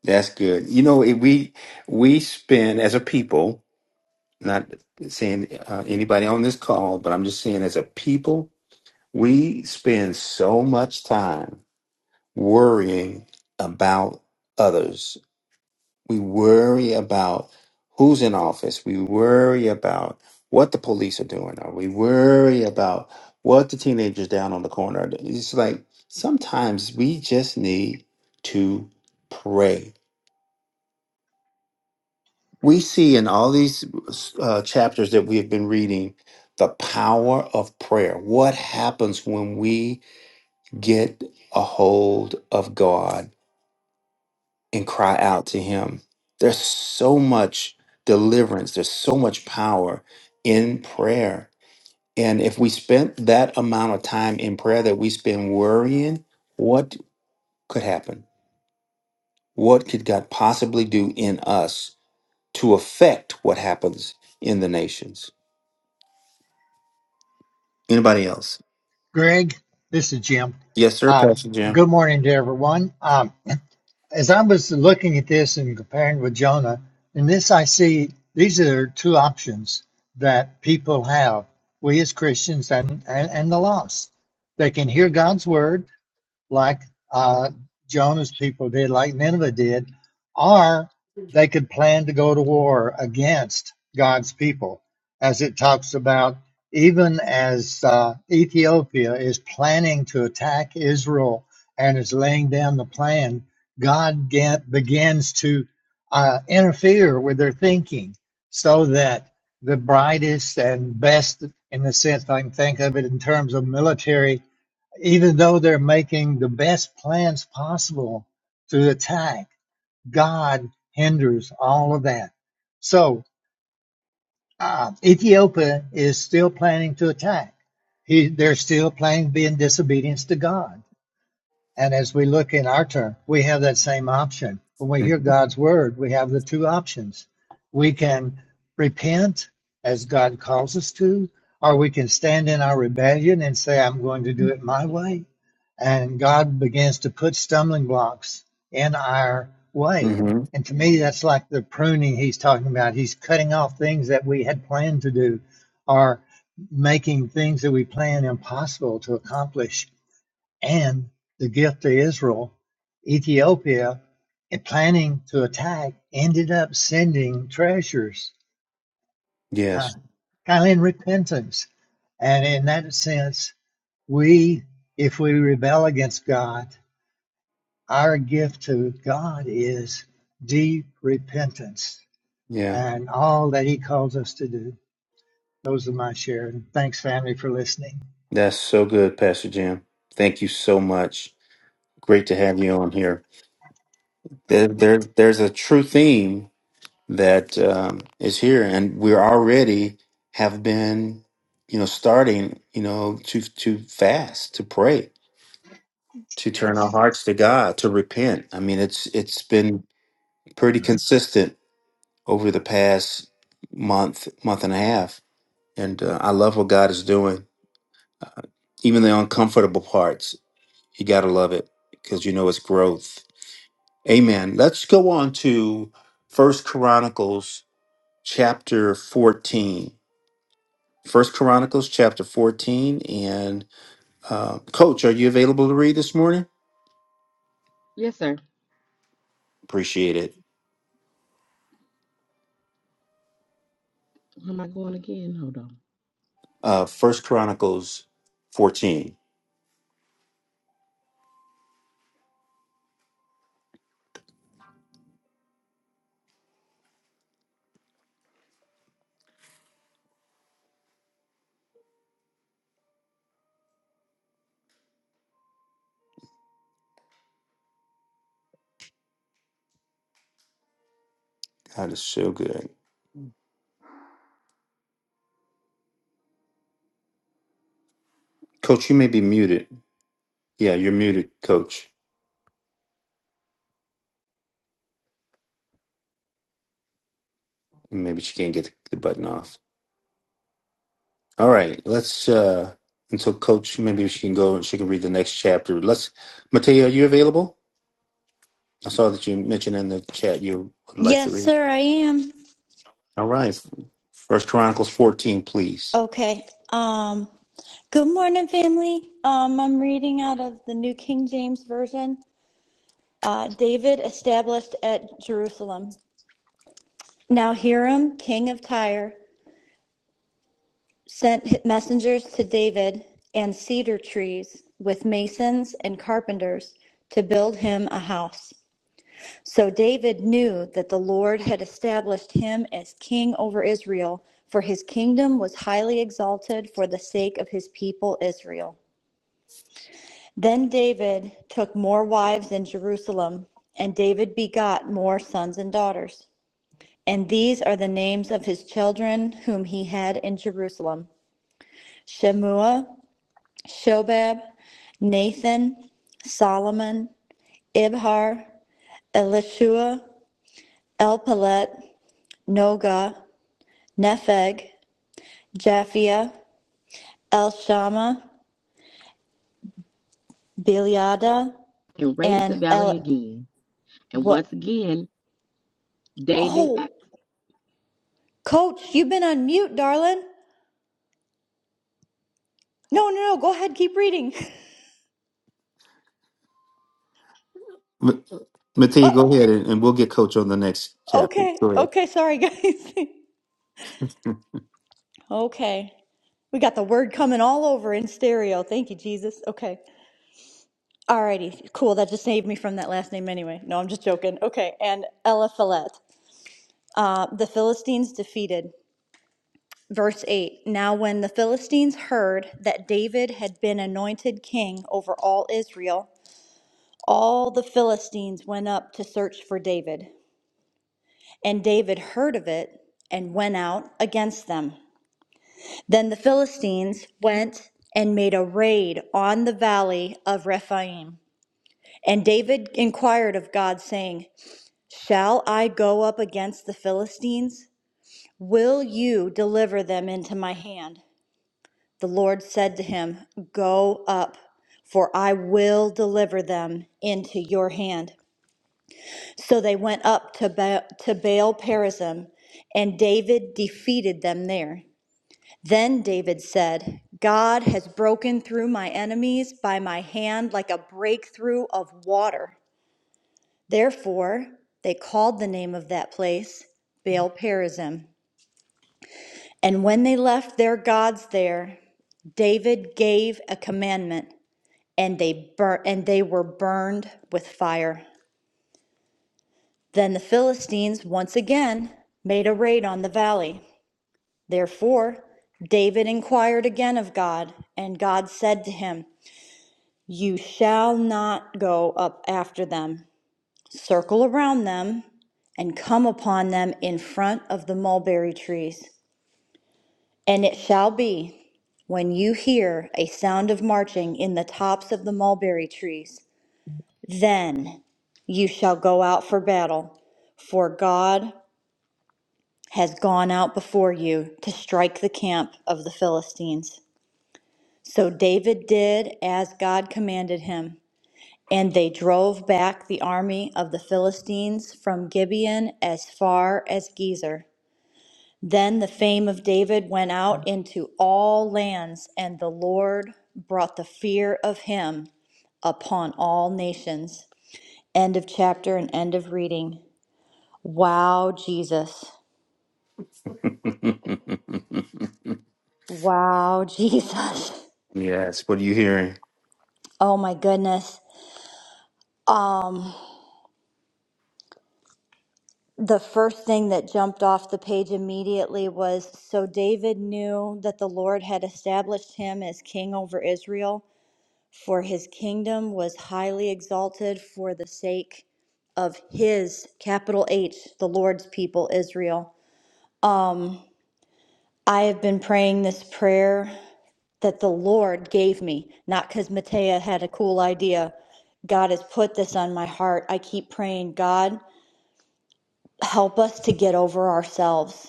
Speaker 2: That's good. You know, if we we spend as a people, not saying uh, anybody on this call, but I'm just saying as a people, we spend so much time worrying about others we worry about who's in office. We worry about what the police are doing, or we worry about what the teenagers down on the corner are doing. It's like sometimes we just need to pray. We see in all these uh, chapters that we have been reading the power of prayer. What happens when we get a hold of God and cry out to him. There's so much deliverance, there's so much power in prayer. And if we spent that amount of time in prayer that we spend worrying, what could happen? What could God possibly do in us to affect what happens in the nations? Anybody else?
Speaker 12: Greg, this is Jim.
Speaker 2: Yes, sir,
Speaker 12: Uh,
Speaker 2: Pastor Jim.
Speaker 12: good morning to everyone. Um, as I was looking at this and comparing with Jonah, in this I see these are two options that people have. We as Christians and, and, and the lost, they can hear God's word like uh, Jonah's people did, like Nineveh did, or they could plan to go to war against God's people, as it talks about. Even as uh, Ethiopia is planning to attack Israel and is laying down the plan, God get, begins to uh, interfere with their thinking so that the brightest and best, in the sense I can think of it in terms of military even though they're making the best plans possible to attack, God hinders all of that. So uh, Ethiopia is still planning to attack. He, they're still planning to be in disobedience to God. And as we look in our turn, we have that same option. When we
Speaker 2: Mm,
Speaker 12: hear God's word, we have the two options. We can repent as God calls us to, or we can stand in our rebellion and say, I'm going to do it my way. And God begins to put stumbling blocks in our way.
Speaker 2: Mm-hmm.
Speaker 12: And to me, that's like the pruning he's talking about. He's cutting off things that we had planned to do or making things that we plan impossible to accomplish and the gift to Israel, Ethiopia, and planning to attack, ended up sending treasures, uh,
Speaker 2: Yes.
Speaker 12: kind of in repentance. And in that sense, we, if we rebel against God, our gift to God is deep repentance
Speaker 2: Yeah.
Speaker 12: and all that He calls us to do. Those are my share. And thanks, family, for listening.
Speaker 2: That's so good, Pastor Jim. Thank you so much. Great to have you on here. there, there there's a true theme that um, is here, and we're already have been, you know, starting, you know, to to fast, to pray, to turn our
Speaker 12: Yes.
Speaker 2: hearts to God, to repent. I mean, it's it's been pretty
Speaker 12: Mm.
Speaker 2: consistent over the past month, month and a half, and uh, I love what God is doing, uh, even the uncomfortable parts. You gotta love it because you know it's growth. Amen. Let's go on to First Chronicles chapter 14, First chronicles chapter 14 and uh, coach are you available to read this morning
Speaker 11: Yes, sir.
Speaker 2: appreciate it
Speaker 11: Am I going again? Hold on.
Speaker 2: uh, first chronicles 14 god is so good coach you may be muted yeah you're muted coach maybe she can't get the button off all right let's uh until coach maybe she can go and she can read the next chapter let's mateo are you available i saw that you mentioned in the chat you would like to
Speaker 9: Yes,
Speaker 2: read
Speaker 9: sir, I am.
Speaker 2: all right first chronicles 14 please
Speaker 9: Okay. Um, good morning, family. Um, I'm reading out of the New King James Version. Uh, David established at Jerusalem. Now Hiram, King of Tyre. sent messengers to David and cedar trees with masons and carpenters to build him a house. So David knew that the Lord had established him as king over Israel, for his kingdom was highly exalted for the sake of his people Israel. Then David took more wives in Jerusalem, and David begot more sons and daughters. And these are the names of his children whom he had in Jerusalem Shemua, Shobab, Nathan, Solomon, Ibhar, Elishua, Elpalet, Noga, Nepheg, Japhia, Elshama, Biliada,
Speaker 11: And raided the
Speaker 9: and
Speaker 11: valley
Speaker 9: El.
Speaker 11: again. And once
Speaker 9: What?
Speaker 11: again, David.
Speaker 9: Oh, Coach, you've been on mute, darling. No, no, no. Go ahead. Keep reading.
Speaker 2: Ma-
Speaker 9: Uh,
Speaker 2: Mattia, go ahead and, and we'll get coach on the next chapter.
Speaker 9: okay.
Speaker 2: Go ahead.
Speaker 9: Okay. Sorry, guys. okay. We got the word coming all over in stereo. Thank you, Jesus. Okay. Alrighty, cool. That just saved me from that last name anyway. No, I'm just joking. Okay, and Eliphalet, uh, the Philistines defeated. Verse 8 Now, when the Philistines heard that David had been anointed king over all Israel, all the Philistines went up to search for David. And David heard of it and went out against them. Then the Philistines went and made a raid on the valley of Rephaim. And David inquired of God, saying, Shall I go up against the Philistines? Will you deliver them into my hand? The Lord said to him, Go up, for I will deliver them into your hand. So they went up to, ba- to Baal Perazim, and David defeated them there. Then David said, God has broken through my enemies by my hand like a breakthrough of water. Therefore, they called the name of that place Baal Perazim. And when they left their gods there, David gave a commandment, and they bur- and they were burned with fire. Then the Philistines once again made a raid on the valley. Therefore, David inquired again of God, and God said to him, "You shall not go up after them. Circle around them and come upon them in front of the mulberry trees. And it shall be, when you hear a sound of marching in the tops of the mulberry trees, then you shall go out for battle, for God has gone out before you to strike the camp of the Philistines. So David did as God commanded him, and they drove back the army of the Philistines from Gibeon as far as Gezer. Then the fame of David went out into all lands, and the Lord brought the fear of him upon all nations. End of chapter and end of reading. Wow, Jesus. Wow, Jesus.
Speaker 2: yes, what are you hearing?
Speaker 9: Oh my goodness. Um the first thing that jumped off the page immediately was so David knew that the Lord had established him as king over Israel For his kingdom was highly exalted for the sake of his, capital H, the Lord's people, Israel. I have been praying this prayer that the Lord gave me, not because Matea had a cool idea. God has put this on my heart. I keep praying, God, help us to get over ourselves.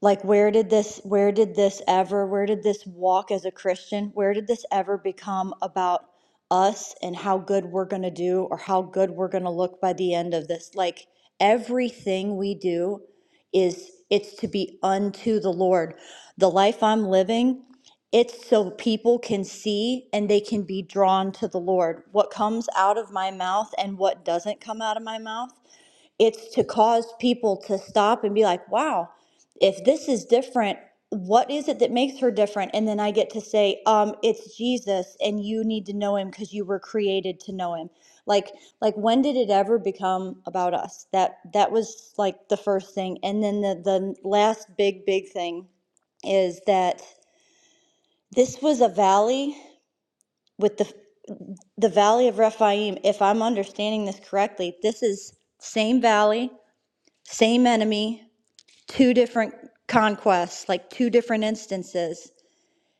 Speaker 9: like where did this where did this ever where did this walk as a christian where did this ever become about us and how good we're going to do or how good we're going to look by the end of this like everything we do is it's to be unto the lord the life i'm living it's so people can see and they can be drawn to the lord what comes out of my mouth and what doesn't come out of my mouth it's to cause people to stop and be like, wow, if this is different, what is it that makes her different? And then I get to say, um, it's Jesus and you need to know him because you were created to know him. Like, like when did it ever become about us? That that was like the first thing. And then the, the last big, big thing is that this was a valley with the the valley of Rephaim, if I'm understanding this correctly, this is same valley, same enemy, two different conquests, like two different instances.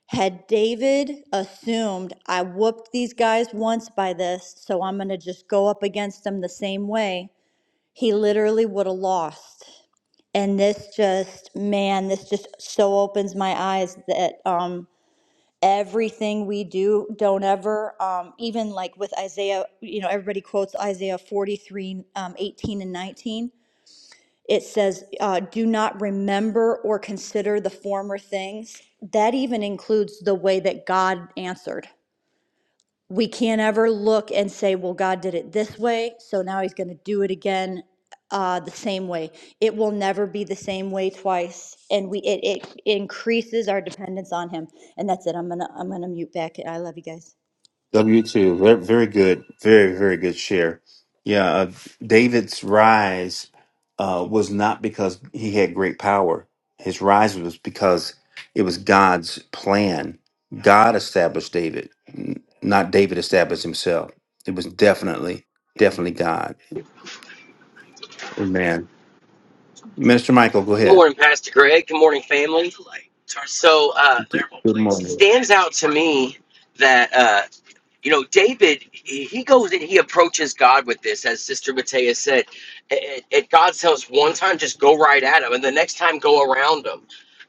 Speaker 9: Had David assumed, I whooped these guys once by this, so I'm going to just go up against them the same way, he literally would have lost. And this just, man, this just so opens my eyes that um, everything we do, don't ever, um, even like with Isaiah, you know, everybody quotes Isaiah 43, um, 18 and 19 it says, uh, do not remember or consider the former things. That even includes the way that God answered. We can't ever look and say, well, God did it this way, so now he's going to do it again uh, the same way. It will never be the same way twice. And we, it, it increases our dependence on him. And that's it. I'm going to, I'm going to mute back. I love you guys.
Speaker 2: W2, very, very good. Very, very good share. Yeah, uh, David's rise uh, was not because he had great power. His rise was because it was God's plan. God established David, n- not David established himself. It was definitely, definitely God. Amen. Minister Michael,
Speaker 13: Good
Speaker 2: go
Speaker 13: morning, Pastor Greg. Good morning, family. So, uh,
Speaker 2: Good good
Speaker 13: it
Speaker 2: morning.
Speaker 13: stands out to me that, uh, you know, David, he he goes and he approaches God with this, as Sister Matea said. It, it, God tells one time, just go right at him, and the next time, go around him.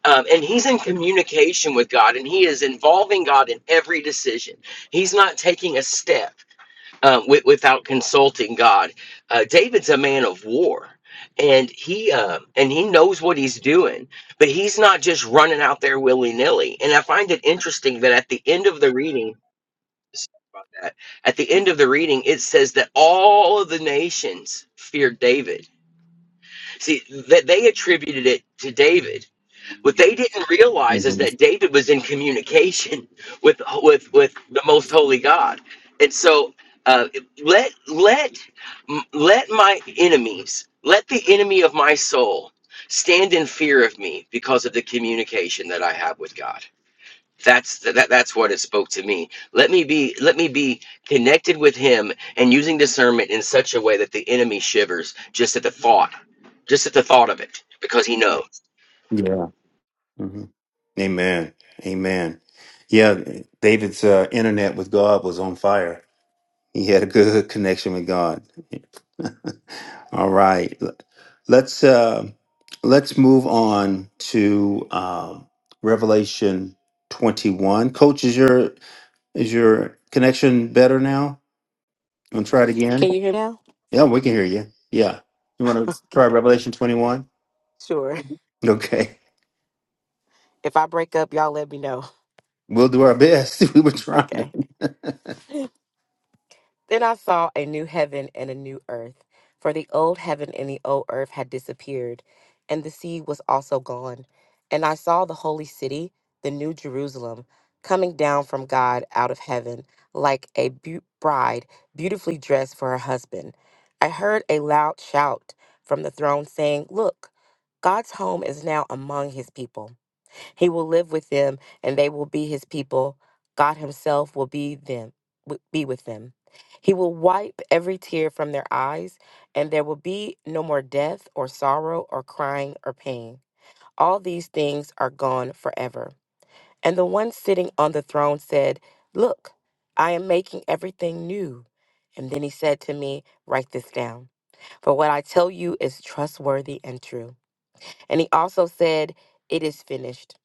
Speaker 13: Um, and he's in communication with God, and he is involving God in every decision. He's not taking a step uh, with, without consulting God. Uh, David's a man of war, and he uh, and he knows what he's doing, but he's not just running out there willy nilly. And I find it interesting that at the end of the reading, sorry about that, at the end of the reading, it says that all of the nations feared David. See that they attributed it to David what they didn't realize is
Speaker 2: hmm
Speaker 13: that David was in communication with with with the most holy God, and so uh, let let let my enemies, let the enemy of my soul, stand in fear of me because of the communication that I have with God. That's that, that's what it spoke to me. Let me be let me be connected with Him and using discernment in such a way that the enemy shivers just at the thought, just at the thought of it, because he knows.
Speaker 2: Yeah. hmm Amen. Amen. Yeah, David's uh, internet with God was on fire. He had a good connection with God. All right, let's uh, let's move on to um, Revelation twenty one. Coach, is your is your connection better now? You want to try it again?
Speaker 11: Can you hear now?
Speaker 2: Yeah, we can hear you. Yeah, you want to try
Speaker 11: Okay.
Speaker 2: Revelation twenty one?
Speaker 11: Sure.
Speaker 2: Okay.
Speaker 11: If I break up, y'all let me know.
Speaker 2: We'll do our best. we were trying.
Speaker 11: Okay. Then I saw a new heaven and a new earth, for the old heaven and the old earth had disappeared, and the sea was also gone. And I saw the holy city, the new Jerusalem, coming down from God out of heaven, like a beau- bride beautifully dressed for her husband. I heard a loud shout from the throne saying, Look, God's home is now among his people he will live with them and they will be his people. God himself will be them wi- be with them. He will wipe every tear from their eyes and there will be no more death or sorrow or crying or pain. All these things are gone forever. And the one sitting on the throne said, "Look, I am making everything new." And then he said to me, "Write this down, for what I tell you is trustworthy and true." And he also said, "It is finished."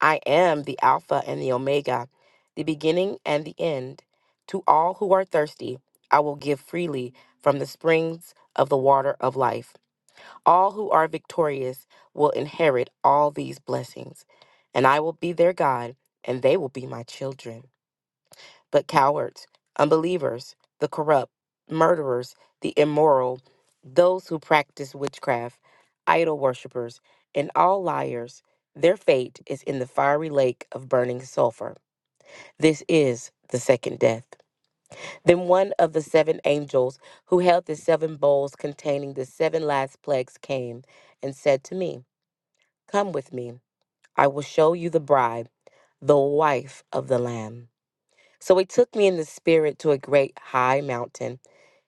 Speaker 11: I am the Alpha and the Omega, the beginning and the end. To all who are thirsty, I will give freely from the springs of the water of life. All who are victorious will inherit all these blessings, and I will be their God, and they will be my children but cowards, unbelievers, the corrupt, murderers, the immoral, those who practice witchcraft, idol worshippers, and all liars. Their fate is in the fiery lake of burning sulfur. This is the second death. Then one of the seven angels who held the seven bowls containing the seven last plagues came and said to me, Come with me. I will show you the bride, the wife of the Lamb. So he took me in the spirit to a great high mountain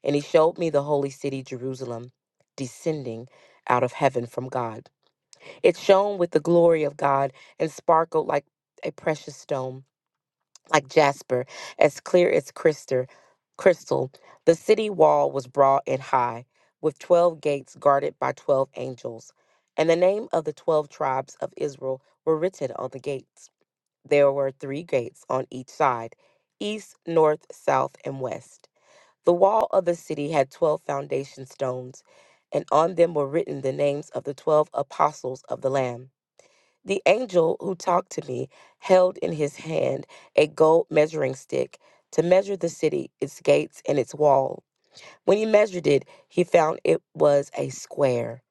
Speaker 11: And he showed me the holy city, Jerusalem, descending out of heaven from God. It shone with the glory of God and sparkled like a precious stone, like jasper, as clear as crystal. crystal. The city wall was broad and high, with 12 gates guarded by 12 angels. And the name of the 12 tribes of Israel were written on the gates. There were three gates on each side east, north, south, and west. The wall of the city had 12 foundation stones, and on them were written the names of the 12 apostles of the Lamb. The angel who talked to me held in his hand a gold measuring stick to measure the city, its gates, and its wall. When he measured it, he found it was a square,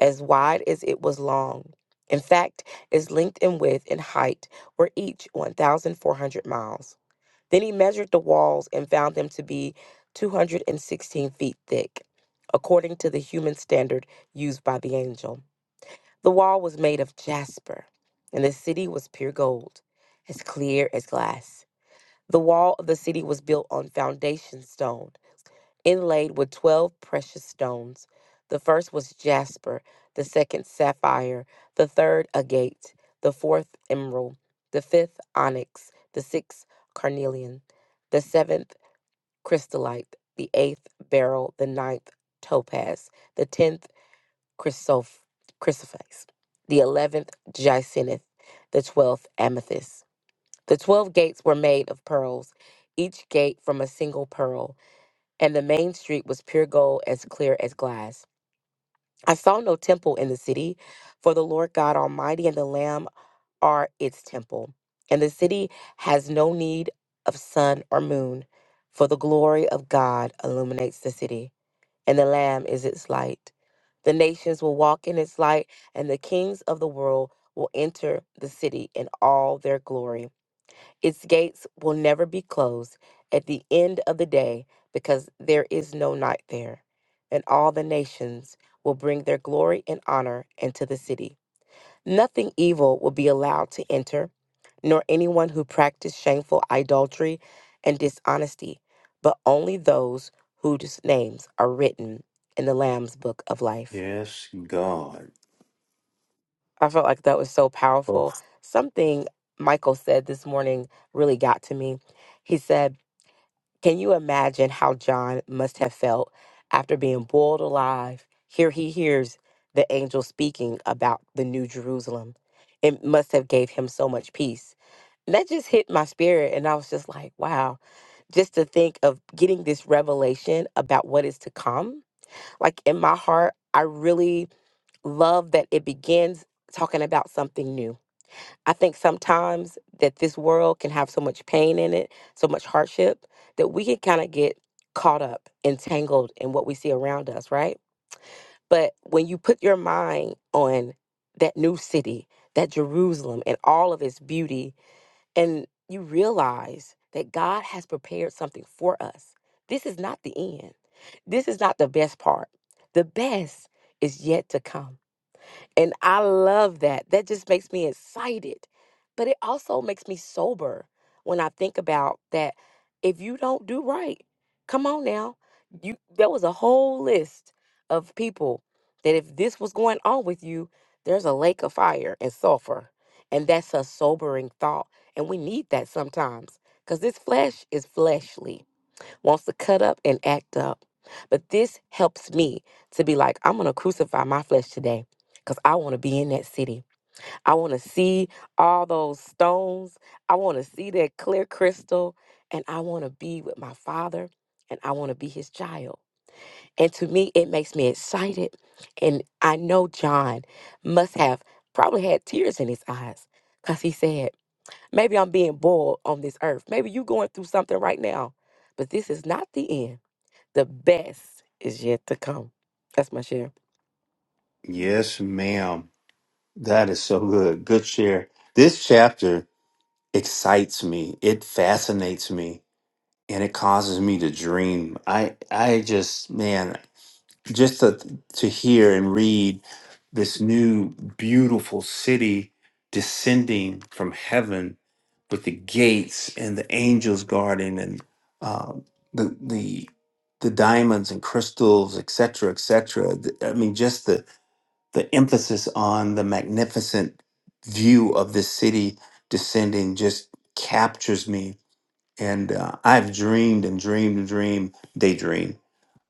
Speaker 11: as wide as it was long. In fact, its length and width and height were each 1,400 miles. Then he measured the walls and found them to be 216 feet thick, according to the human standard used by the angel. The wall was made of jasper, and the city was pure gold, as clear as glass. The wall of the city was built on foundation stone, inlaid with 12 precious stones. The first was jasper, the second, sapphire, the third, agate, the fourth, emerald, the fifth, onyx, the sixth, carnelian the seventh crystallite, the eighth beryl, the ninth topaz, the tenth chrysoph- chrysoprase, the eleventh jacinth, the twelfth amethyst. The twelve gates were made of pearls, each gate from a single pearl, and the main street was pure gold as clear as glass. I saw no temple in the city, for the Lord God Almighty and the Lamb are its temple. And the city has no need of sun or moon, for the glory of God illuminates the city and the Lamb is its light. The nations will walk in its light, and the kings of the world will enter the city in all their glory. Its gates will never be closed at the end of the day, because there is no night there. And all the nations will bring their glory and honor into the city. Nothing evil will be allowed to enter, nor anyone who practice shameful idolatry and dishonesty, but only those whose names are written in the Lamb's book of life.
Speaker 2: Yes, God.
Speaker 11: I felt like that was so
Speaker 2: Oh,
Speaker 11: powerful. Something Michael said this morning really got to me. He said, Can you imagine how John must have felt after being boiled alive? Here he hears the angel speaking about the new Jerusalem. It must have gave him so much peace that just hit my spirit and i was just like wow just to think of getting this revelation about what is to come like in my heart i really love that it begins talking about something new i think sometimes that this world can have so much pain in it so much hardship that we can kind of get caught up entangled in what we see around us right but when you put your mind on that new city that jerusalem and all of its beauty and you realize that God has prepared something for us. This is not the end. This is not the best part. The best is yet to come. And I love that. That just makes me excited. But it also makes me sober when I think about that if you don't do right, come on now. You there was a whole list of people that if this was going on with you, there's a lake of fire and sulfur. And that's a sobering thought. And we need that sometimes because this flesh is fleshly wants to cut up and act up. But this helps me to be like, I'm going to crucify my flesh today because I want to be in that city. I want to see all those stones. I want to see that clear crystal. And I want to be with my father and I want to be his child. And to me, it makes me excited. And I know John must have probably had tears in his eyes because he said, Maybe I'm being boiled on this earth. Maybe you're going through something right now, but this is not the end. The best is yet to come. That's my share.
Speaker 2: yes, ma'am. That is so good. Good share. This chapter excites me. It fascinates me, and it causes me to dream. I, I just, man. just to to hear and read this new beautiful city descending from heaven with the gates and the angels guarding and um, the the the diamonds and crystals et etc etc Th- i mean just the the emphasis on the magnificent view of this city descending just captures me and uh, i've dreamed and dreamed and dreamed daydreamed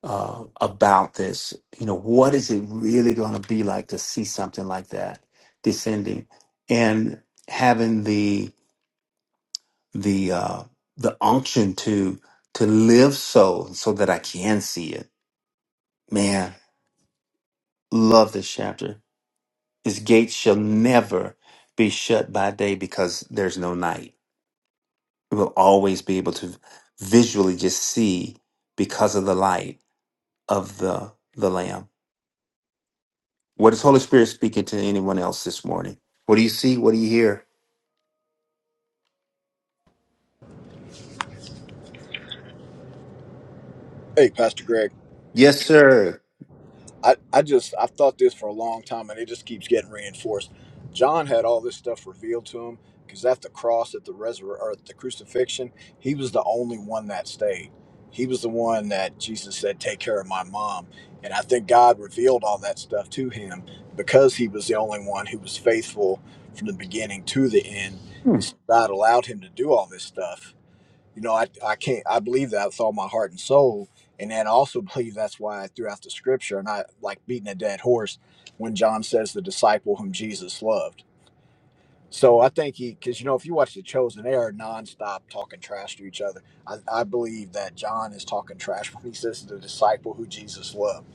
Speaker 2: uh, about this. You know, what is it really going to be like to see something like that descending and having the the uh, the unction to to live so so that I can see it. Man, love this chapter. His gates shall never be shut by day because there's no night. We will always be able to visually just see because of the light of the the lamb What is Holy Spirit speaking to anyone else this morning? What do you see? What do you hear?
Speaker 8: Hey, Pastor Greg.
Speaker 2: Yes, sir.
Speaker 8: I, I just I've thought this for a long time and it just keeps getting reinforced. John had all this stuff revealed to him because at the cross, at the resurrection or at the crucifixion, he was the only one that stayed. He was the one that Jesus said, "Take care of my mom," and I think God revealed all that stuff to him because he was the only one who was faithful from the beginning to the end,
Speaker 2: Hmm.
Speaker 8: and so God allowed him to do all this stuff you know, I, I can't, I believe that with all my heart and soul. And then I also believe that's why throughout the scripture, and I like beating a dead horse when John says the disciple whom Jesus loved. So I think he, because, you know, if you watch The Chosen, they are nonstop talking trash to each other. I, I believe that John is talking trash when he says the disciple who Jesus loved.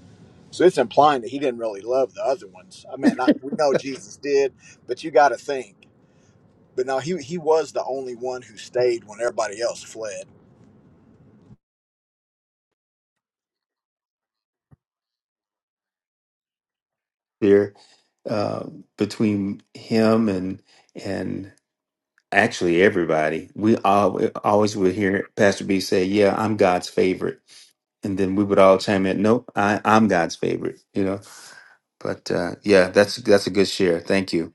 Speaker 8: So it's implying that he didn't really love the other ones. I mean, I, we know Jesus did, but you got to think. But no, he, he was the only one who stayed when everybody else fled.
Speaker 2: Here, uh, between him and and actually everybody, we all we always would hear Pastor B say, "Yeah, I'm God's favorite," and then we would all chime in, "Nope, I, I'm God's favorite." You know. But uh, yeah, that's that's a good share. Thank you.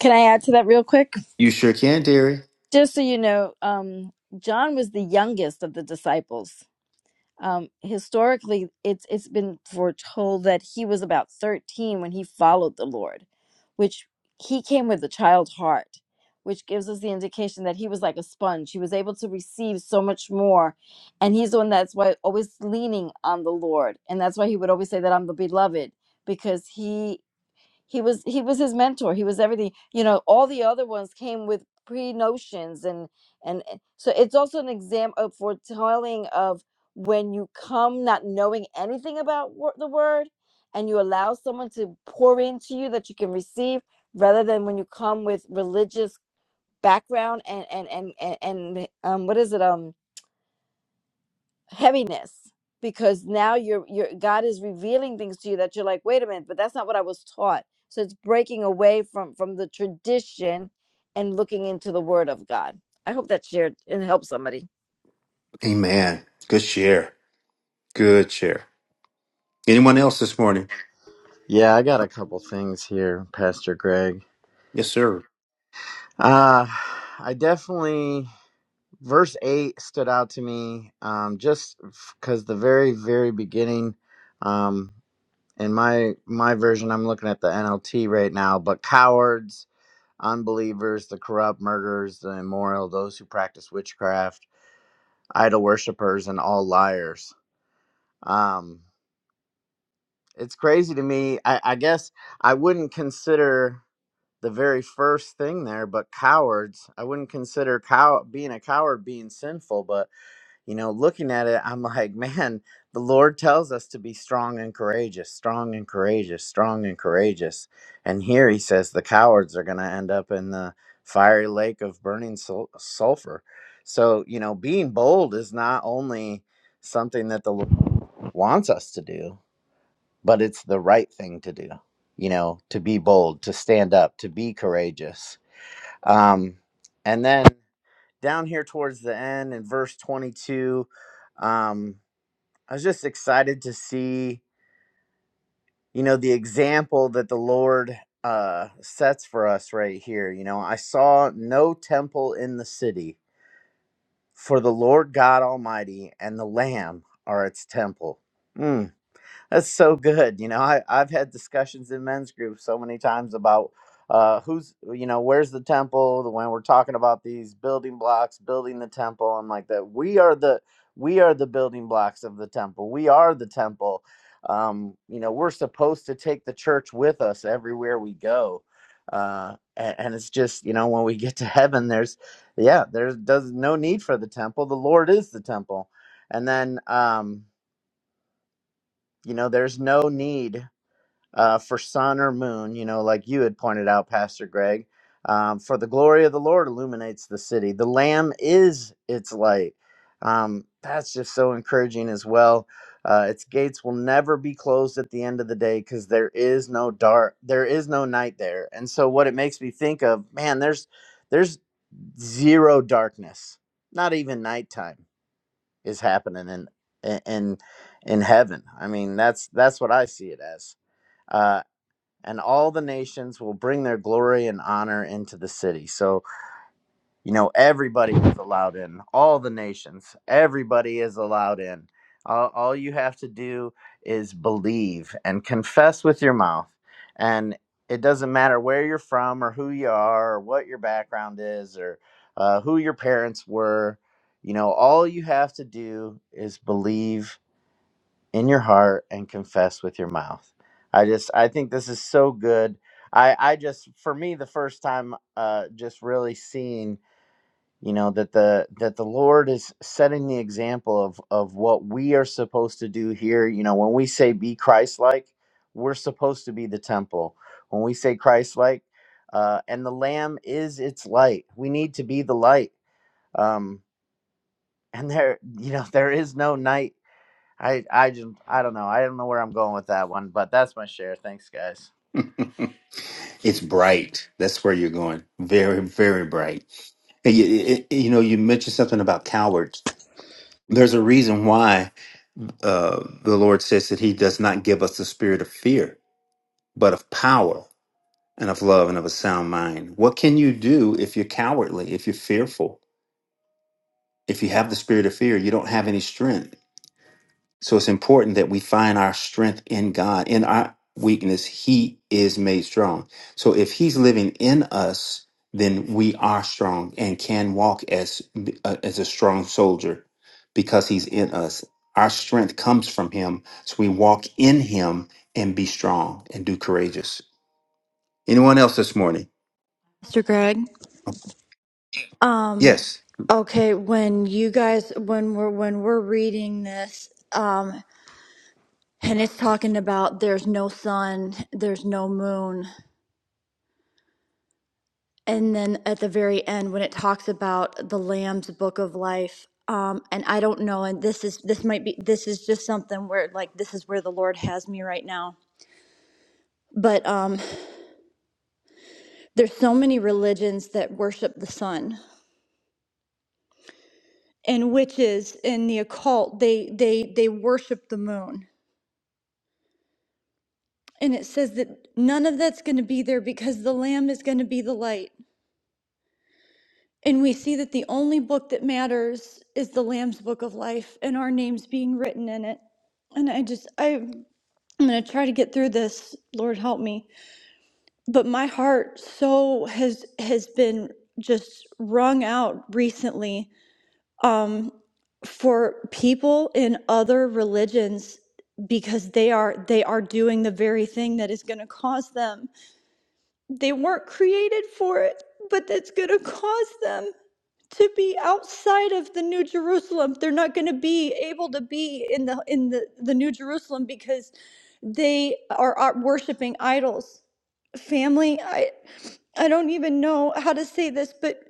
Speaker 5: can i add to that real quick
Speaker 2: You sure can, dearie.
Speaker 5: just so you know um john was the youngest of the disciples um, historically it's it's been foretold that he was about 13 when he followed the lord which he came with a child heart which gives us the indication that he was like a sponge he was able to receive so much more and he's the one that's why always leaning on the lord and that's why he would always say that i'm the beloved because he he was he was his mentor he was everything you know all the other ones came with pre notions and and and- so it's also an exam of foretelling of when you come not knowing anything about wor- the word and you allow someone to pour into you that you can receive rather than when you come with religious background and and and and, and um what is it um heaviness because now you're you're God is revealing things to you that you're like, wait a minute, but that's not what I was taught. So it's breaking away from from the tradition and looking into the Word of God. I hope that shared and helped somebody.
Speaker 2: Amen. Good share. Good share. Anyone else this morning?
Speaker 7: Yeah, I got a couple things here, Pastor Greg.
Speaker 2: Yes, sir.
Speaker 7: Uh, I definitely, verse 8 stood out to me um, just because the very, very beginning. Um, in my my version i'm looking at the nlt right now but cowards unbelievers the corrupt murderers the immoral those who practice witchcraft idol worshippers and all liars um it's crazy to me i i guess i wouldn't consider the very first thing there but cowards i wouldn't consider cow being a coward being sinful but you know, looking at it, I'm like, man, the Lord tells us to be strong and courageous, strong and courageous, strong and courageous. And here he says the cowards are going to end up in the fiery lake of burning sul- sulfur. So, you know, being bold is not only something that the Lord wants us to do, but it's the right thing to do, you know, to be bold, to stand up, to be courageous. Um, and then down here towards the end in verse 22 um i was just excited to see you know the example that the lord uh sets for us right here you know i saw no temple in the city for the lord god almighty and the lamb are its temple Mm. That's so good. You know, I, I've had discussions in men's groups so many times about uh, who's, you know, where's the temple? The When we're talking about these building blocks, building the temple, I'm like that. We are the we are the building blocks of the temple. We are the temple. Um, you know, we're supposed to take the church with us everywhere we go. Uh, and, and it's just, you know, when we get to heaven, there's, yeah, there's does no need for the temple. The Lord is the temple. And then, um, you know, there's no need uh, for sun or moon, you know, like you had pointed out, Pastor Greg. Um, for the glory of the Lord illuminates the city. The Lamb is its light. Um, that's just so encouraging as well. Uh, its gates will never be closed at the end of the day because there is no dark, there is no night there. And so, what it makes me think of, man, there's there's zero darkness. Not even nighttime is happening in in in heaven. I mean, that's that's what I see it as Uh, and all the nations will bring their glory and honor into the city. So, you know, everybody is allowed in, all the nations, everybody is allowed in. All, all you have to do is believe and confess with your mouth. And it doesn't matter where you're from or who you are or what your background is or uh, who your parents were. You know, all you have to do is believe in your heart and confess with your mouth. I just I think this is so good. I I just for me the first time uh just really seeing you know that the that the Lord is setting the example of of what we are supposed to do here. You know when we say be Christ like, we're supposed to be the temple. When we say Christ like, uh, and the Lamb is its light. We need to be the light. Um, and there you know there is no night I I just I don't know. I don't know where I'm going with that one, but that's my share. Thanks, guys.
Speaker 2: it's bright. That's where you're going. Very, very bright. And you, it- it- you know, you mentioned something about cowards. There's a reason why uh, the Lord says that He does not give us the spirit of fear, but of power and of love and of a sound mind. What can you do if you're cowardly, if you're fearful? If you have the spirit of fear, you don't have any strength. So it's important that we find our strength in God. In our weakness, He is made strong. So if He's living in us, then we are strong and can walk as uh, as a strong soldier because He's in us. Our strength comes from Him, so we walk in Him and be strong and do courageous. Anyone else this morning?
Speaker 9: Mr. Greg? Um,
Speaker 2: Yes.
Speaker 9: okay, when you guys when we're when we're reading this, um. And it's talking about there's no sun, there's no moon. And then at the very end, when it talks about the Lamb's Book of Life, um, and I don't know, and this is this might be this is just something where like this is where the Lord has me right now. But um, there's so many religions that worship the sun, and witches in the occult they they they worship the moon. And it says that none of that's going to be there because the Lamb is going to be the light. And we see that the only book that matters is the Lamb's Book of Life and our names being written in it. And I just, I, I'm going to try to get through this. Lord help me. But my heart so has, has been just wrung out recently um, for people in other religions because they are they are doing the very thing that is going to cause them they weren't created for it but that's going to cause them to be outside of the new jerusalem they're not going to be able to be in the in the, the new jerusalem because they are, are worshiping idols family i i don't even know how to say this but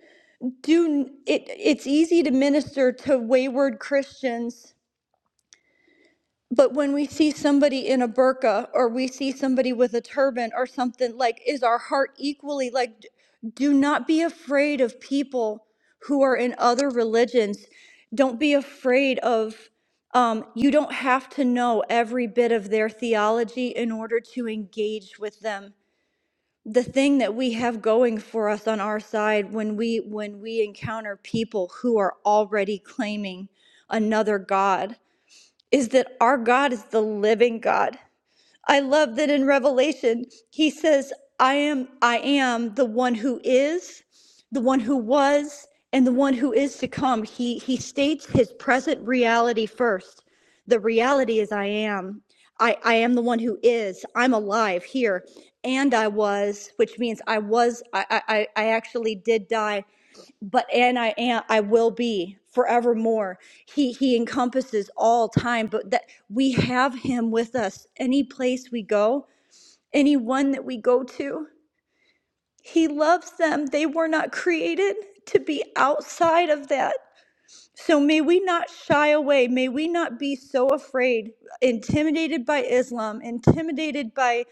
Speaker 9: do it it's easy to minister to wayward christians but when we see somebody in a burqa or we see somebody with a turban or something, like, is our heart equally like, d- do not be afraid of people who are in other religions. Don't be afraid of, um, you don't have to know every bit of their theology in order to engage with them. The thing that we have going for us on our side when we when we encounter people who are already claiming another god is that our God is the living God. I love that in Revelation, he says, I am, I am the one who is, the one who was, and the one who is to come. He he states his present reality first. The reality is I am. I, I am the one who is. I'm alive here. And I was, which means I was, I I, I I actually did die but and I am I will be forevermore. He he encompasses all time, but that we have him with us any place we go, anyone that we go to. He loves them. They were not created to be outside of that. So may we not shy away. May we not be so afraid, intimidated by Islam, intimidated by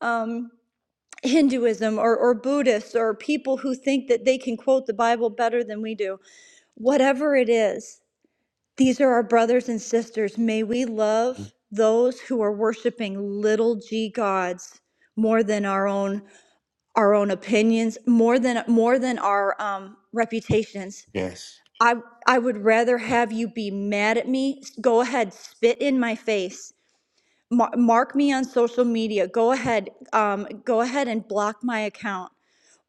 Speaker 9: um Hinduism or, or Buddhists or people who think that they can quote the Bible better than we do whatever it is These are our brothers and sisters. May we love those who are worshiping little g gods more than our own our own opinions, more than more than our um, reputations.
Speaker 2: Yes.
Speaker 9: I I would rather have you be mad at me. Go ahead, spit in my face. Mar- mark me on social media. Go ahead, um, go ahead and block my account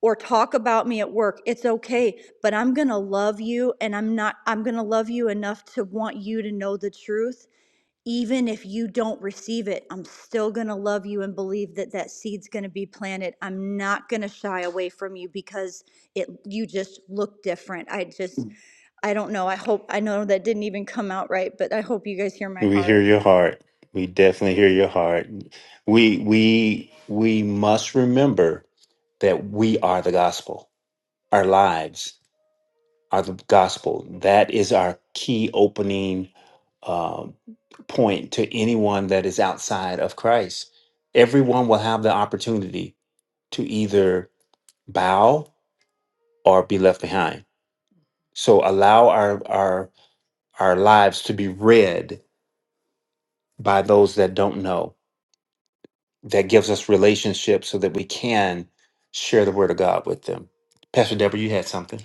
Speaker 9: or talk about me at work, it's okay. But I'm going to love you and I'm not, I'm going to love you enough to want you to know the truth. Even if you don't receive it, I'm still going to love you and believe that that seed's going to be planted. I'm not going to shy away from you because it, you just look different. I just, I don't know. I hope, I know that didn't even come out right, but I hope you guys hear my
Speaker 2: We hear
Speaker 9: heart.
Speaker 2: your heart. We definitely hear your heart. We we we must remember that we are the gospel. Our lives are the gospel. That is our key opening um, point to anyone that is outside of Christ. Everyone will have the opportunity to either bow or be left behind. So allow our our our lives to be read by those that don't know. That gives us relationships so that we can share the word of God with them. Pastor Deborah, you had something.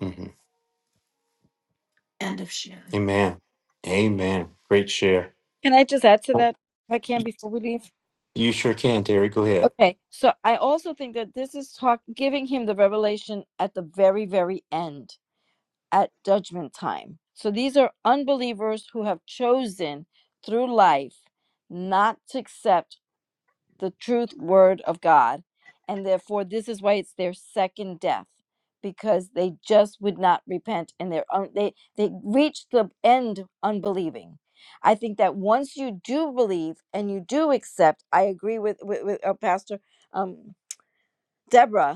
Speaker 2: hmm Amen. Amen. Great share.
Speaker 5: Can I just add to
Speaker 2: Oh,
Speaker 5: that if I can before we leave?
Speaker 2: You sure can, Terry. Go ahead.
Speaker 5: Okay, so I also think that this is talk giving him the revelation at the very, very end at judgment time. So these are unbelievers who have chosen through life not to accept the truth word of God. And therefore, this is why it's their second death because they just would not repent and their own they they reached the end unbelieving i think that once you do believe and you do accept i agree with with, with uh, pastor um deborah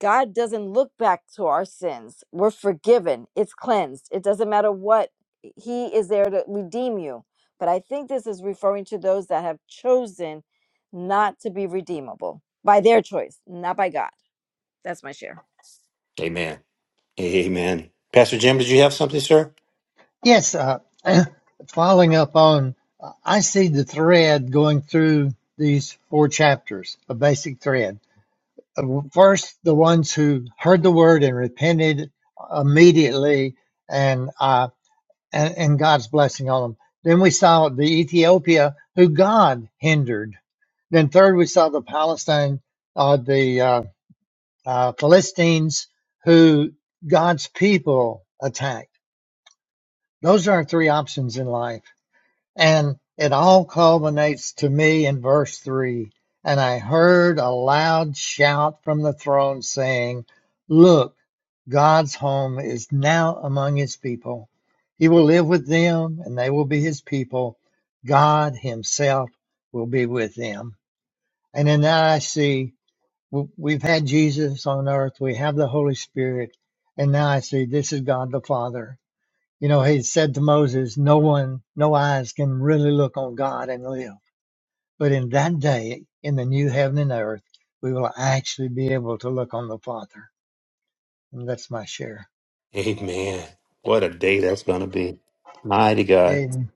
Speaker 5: God doesn't look back to our sins. We're forgiven. It's cleansed. It doesn't matter what. He is there to redeem you. But I think this is referring to those that have chosen not to be redeemable by their choice, not by God. That's my share.
Speaker 2: Amen. Amen. Pastor Jim, did you have something, sir?
Speaker 12: Yes, uh, following up on, uh, I see the thread going through these four chapters, a basic thread. Uh, First, the ones who heard the word and repented immediately, and uh, and, and God's blessing on them. Then we saw the Ethiopia who God hindered. Then third, we saw the Palestine, uh, the uh, uh, Philistines who God's people attacked. Those are our three options in life And it all culminates to me in verse 3 And I heard a loud shout from the throne saying, Look, God's home is now among his people. He will live with them, and they will be his people. God himself will be with them. And in that I see we've had Jesus on earth, we have the Holy Spirit, and now I see this is God the Father you know, he said to Moses, No one, no eyes can really look on God and live. But in that day, in the new heaven and earth, we will actually be able to look on the Father. And that's my share.
Speaker 2: Amen. What a day that's going to be. Mighty God.
Speaker 12: Amen.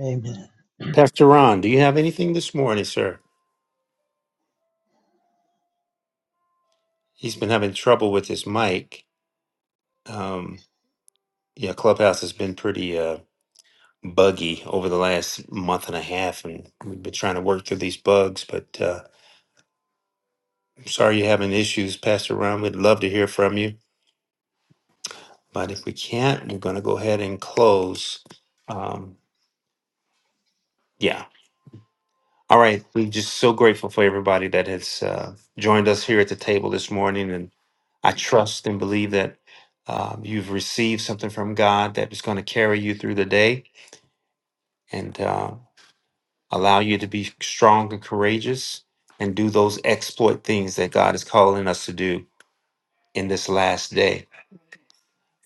Speaker 12: Amen.
Speaker 2: Pastor Ron, do you have anything this morning, sir? He's been having trouble with his mic. Um, yeah, Clubhouse has been pretty. Uh, buggy over the last month and a half, and we've been trying to work through these bugs. But uh, I'm sorry you're having issues, Pastor Ron. We'd love to hear from you. But if we can't, we're going to go ahead and close. Um, yeah. All right. We're just so grateful for everybody that has uh, joined us here at the table this morning. And I trust and believe that um, you've received something from God that is going to carry you through the day. And uh, allow you to be strong and courageous and do those exploit things that God is calling us to do in this last day.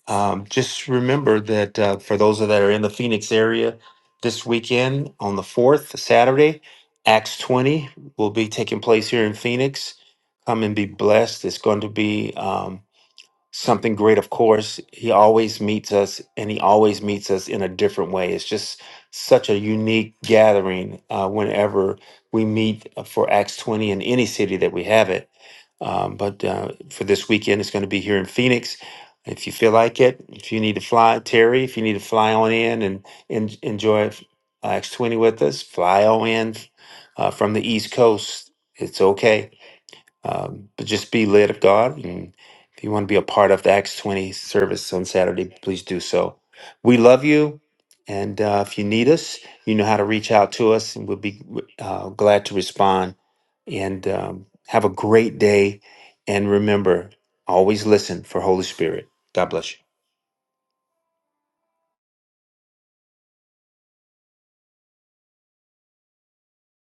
Speaker 2: Um, just remember that uh, for those that are in the Phoenix area this weekend on the 4th, Saturday, Acts 20 will be taking place here in Phoenix. Come and be blessed. It's going to be. um, something great of course he always meets us and he always meets us in a different way it's just such a unique gathering uh, whenever we meet for acts 20 in any city that we have it um, but uh, for this weekend it's going to be here in phoenix if you feel like it if you need to fly terry if you need to fly on in and, and enjoy acts 20 with us fly on in uh, from the east coast it's okay um, but just be led of God. And if you want to be a part of the Acts 20 service on Saturday, please do so. We love you. And uh, if you need us, you know how to reach out to us, and we'll be uh, glad to respond. And um, have a great day. And remember, always listen for Holy Spirit. God bless you.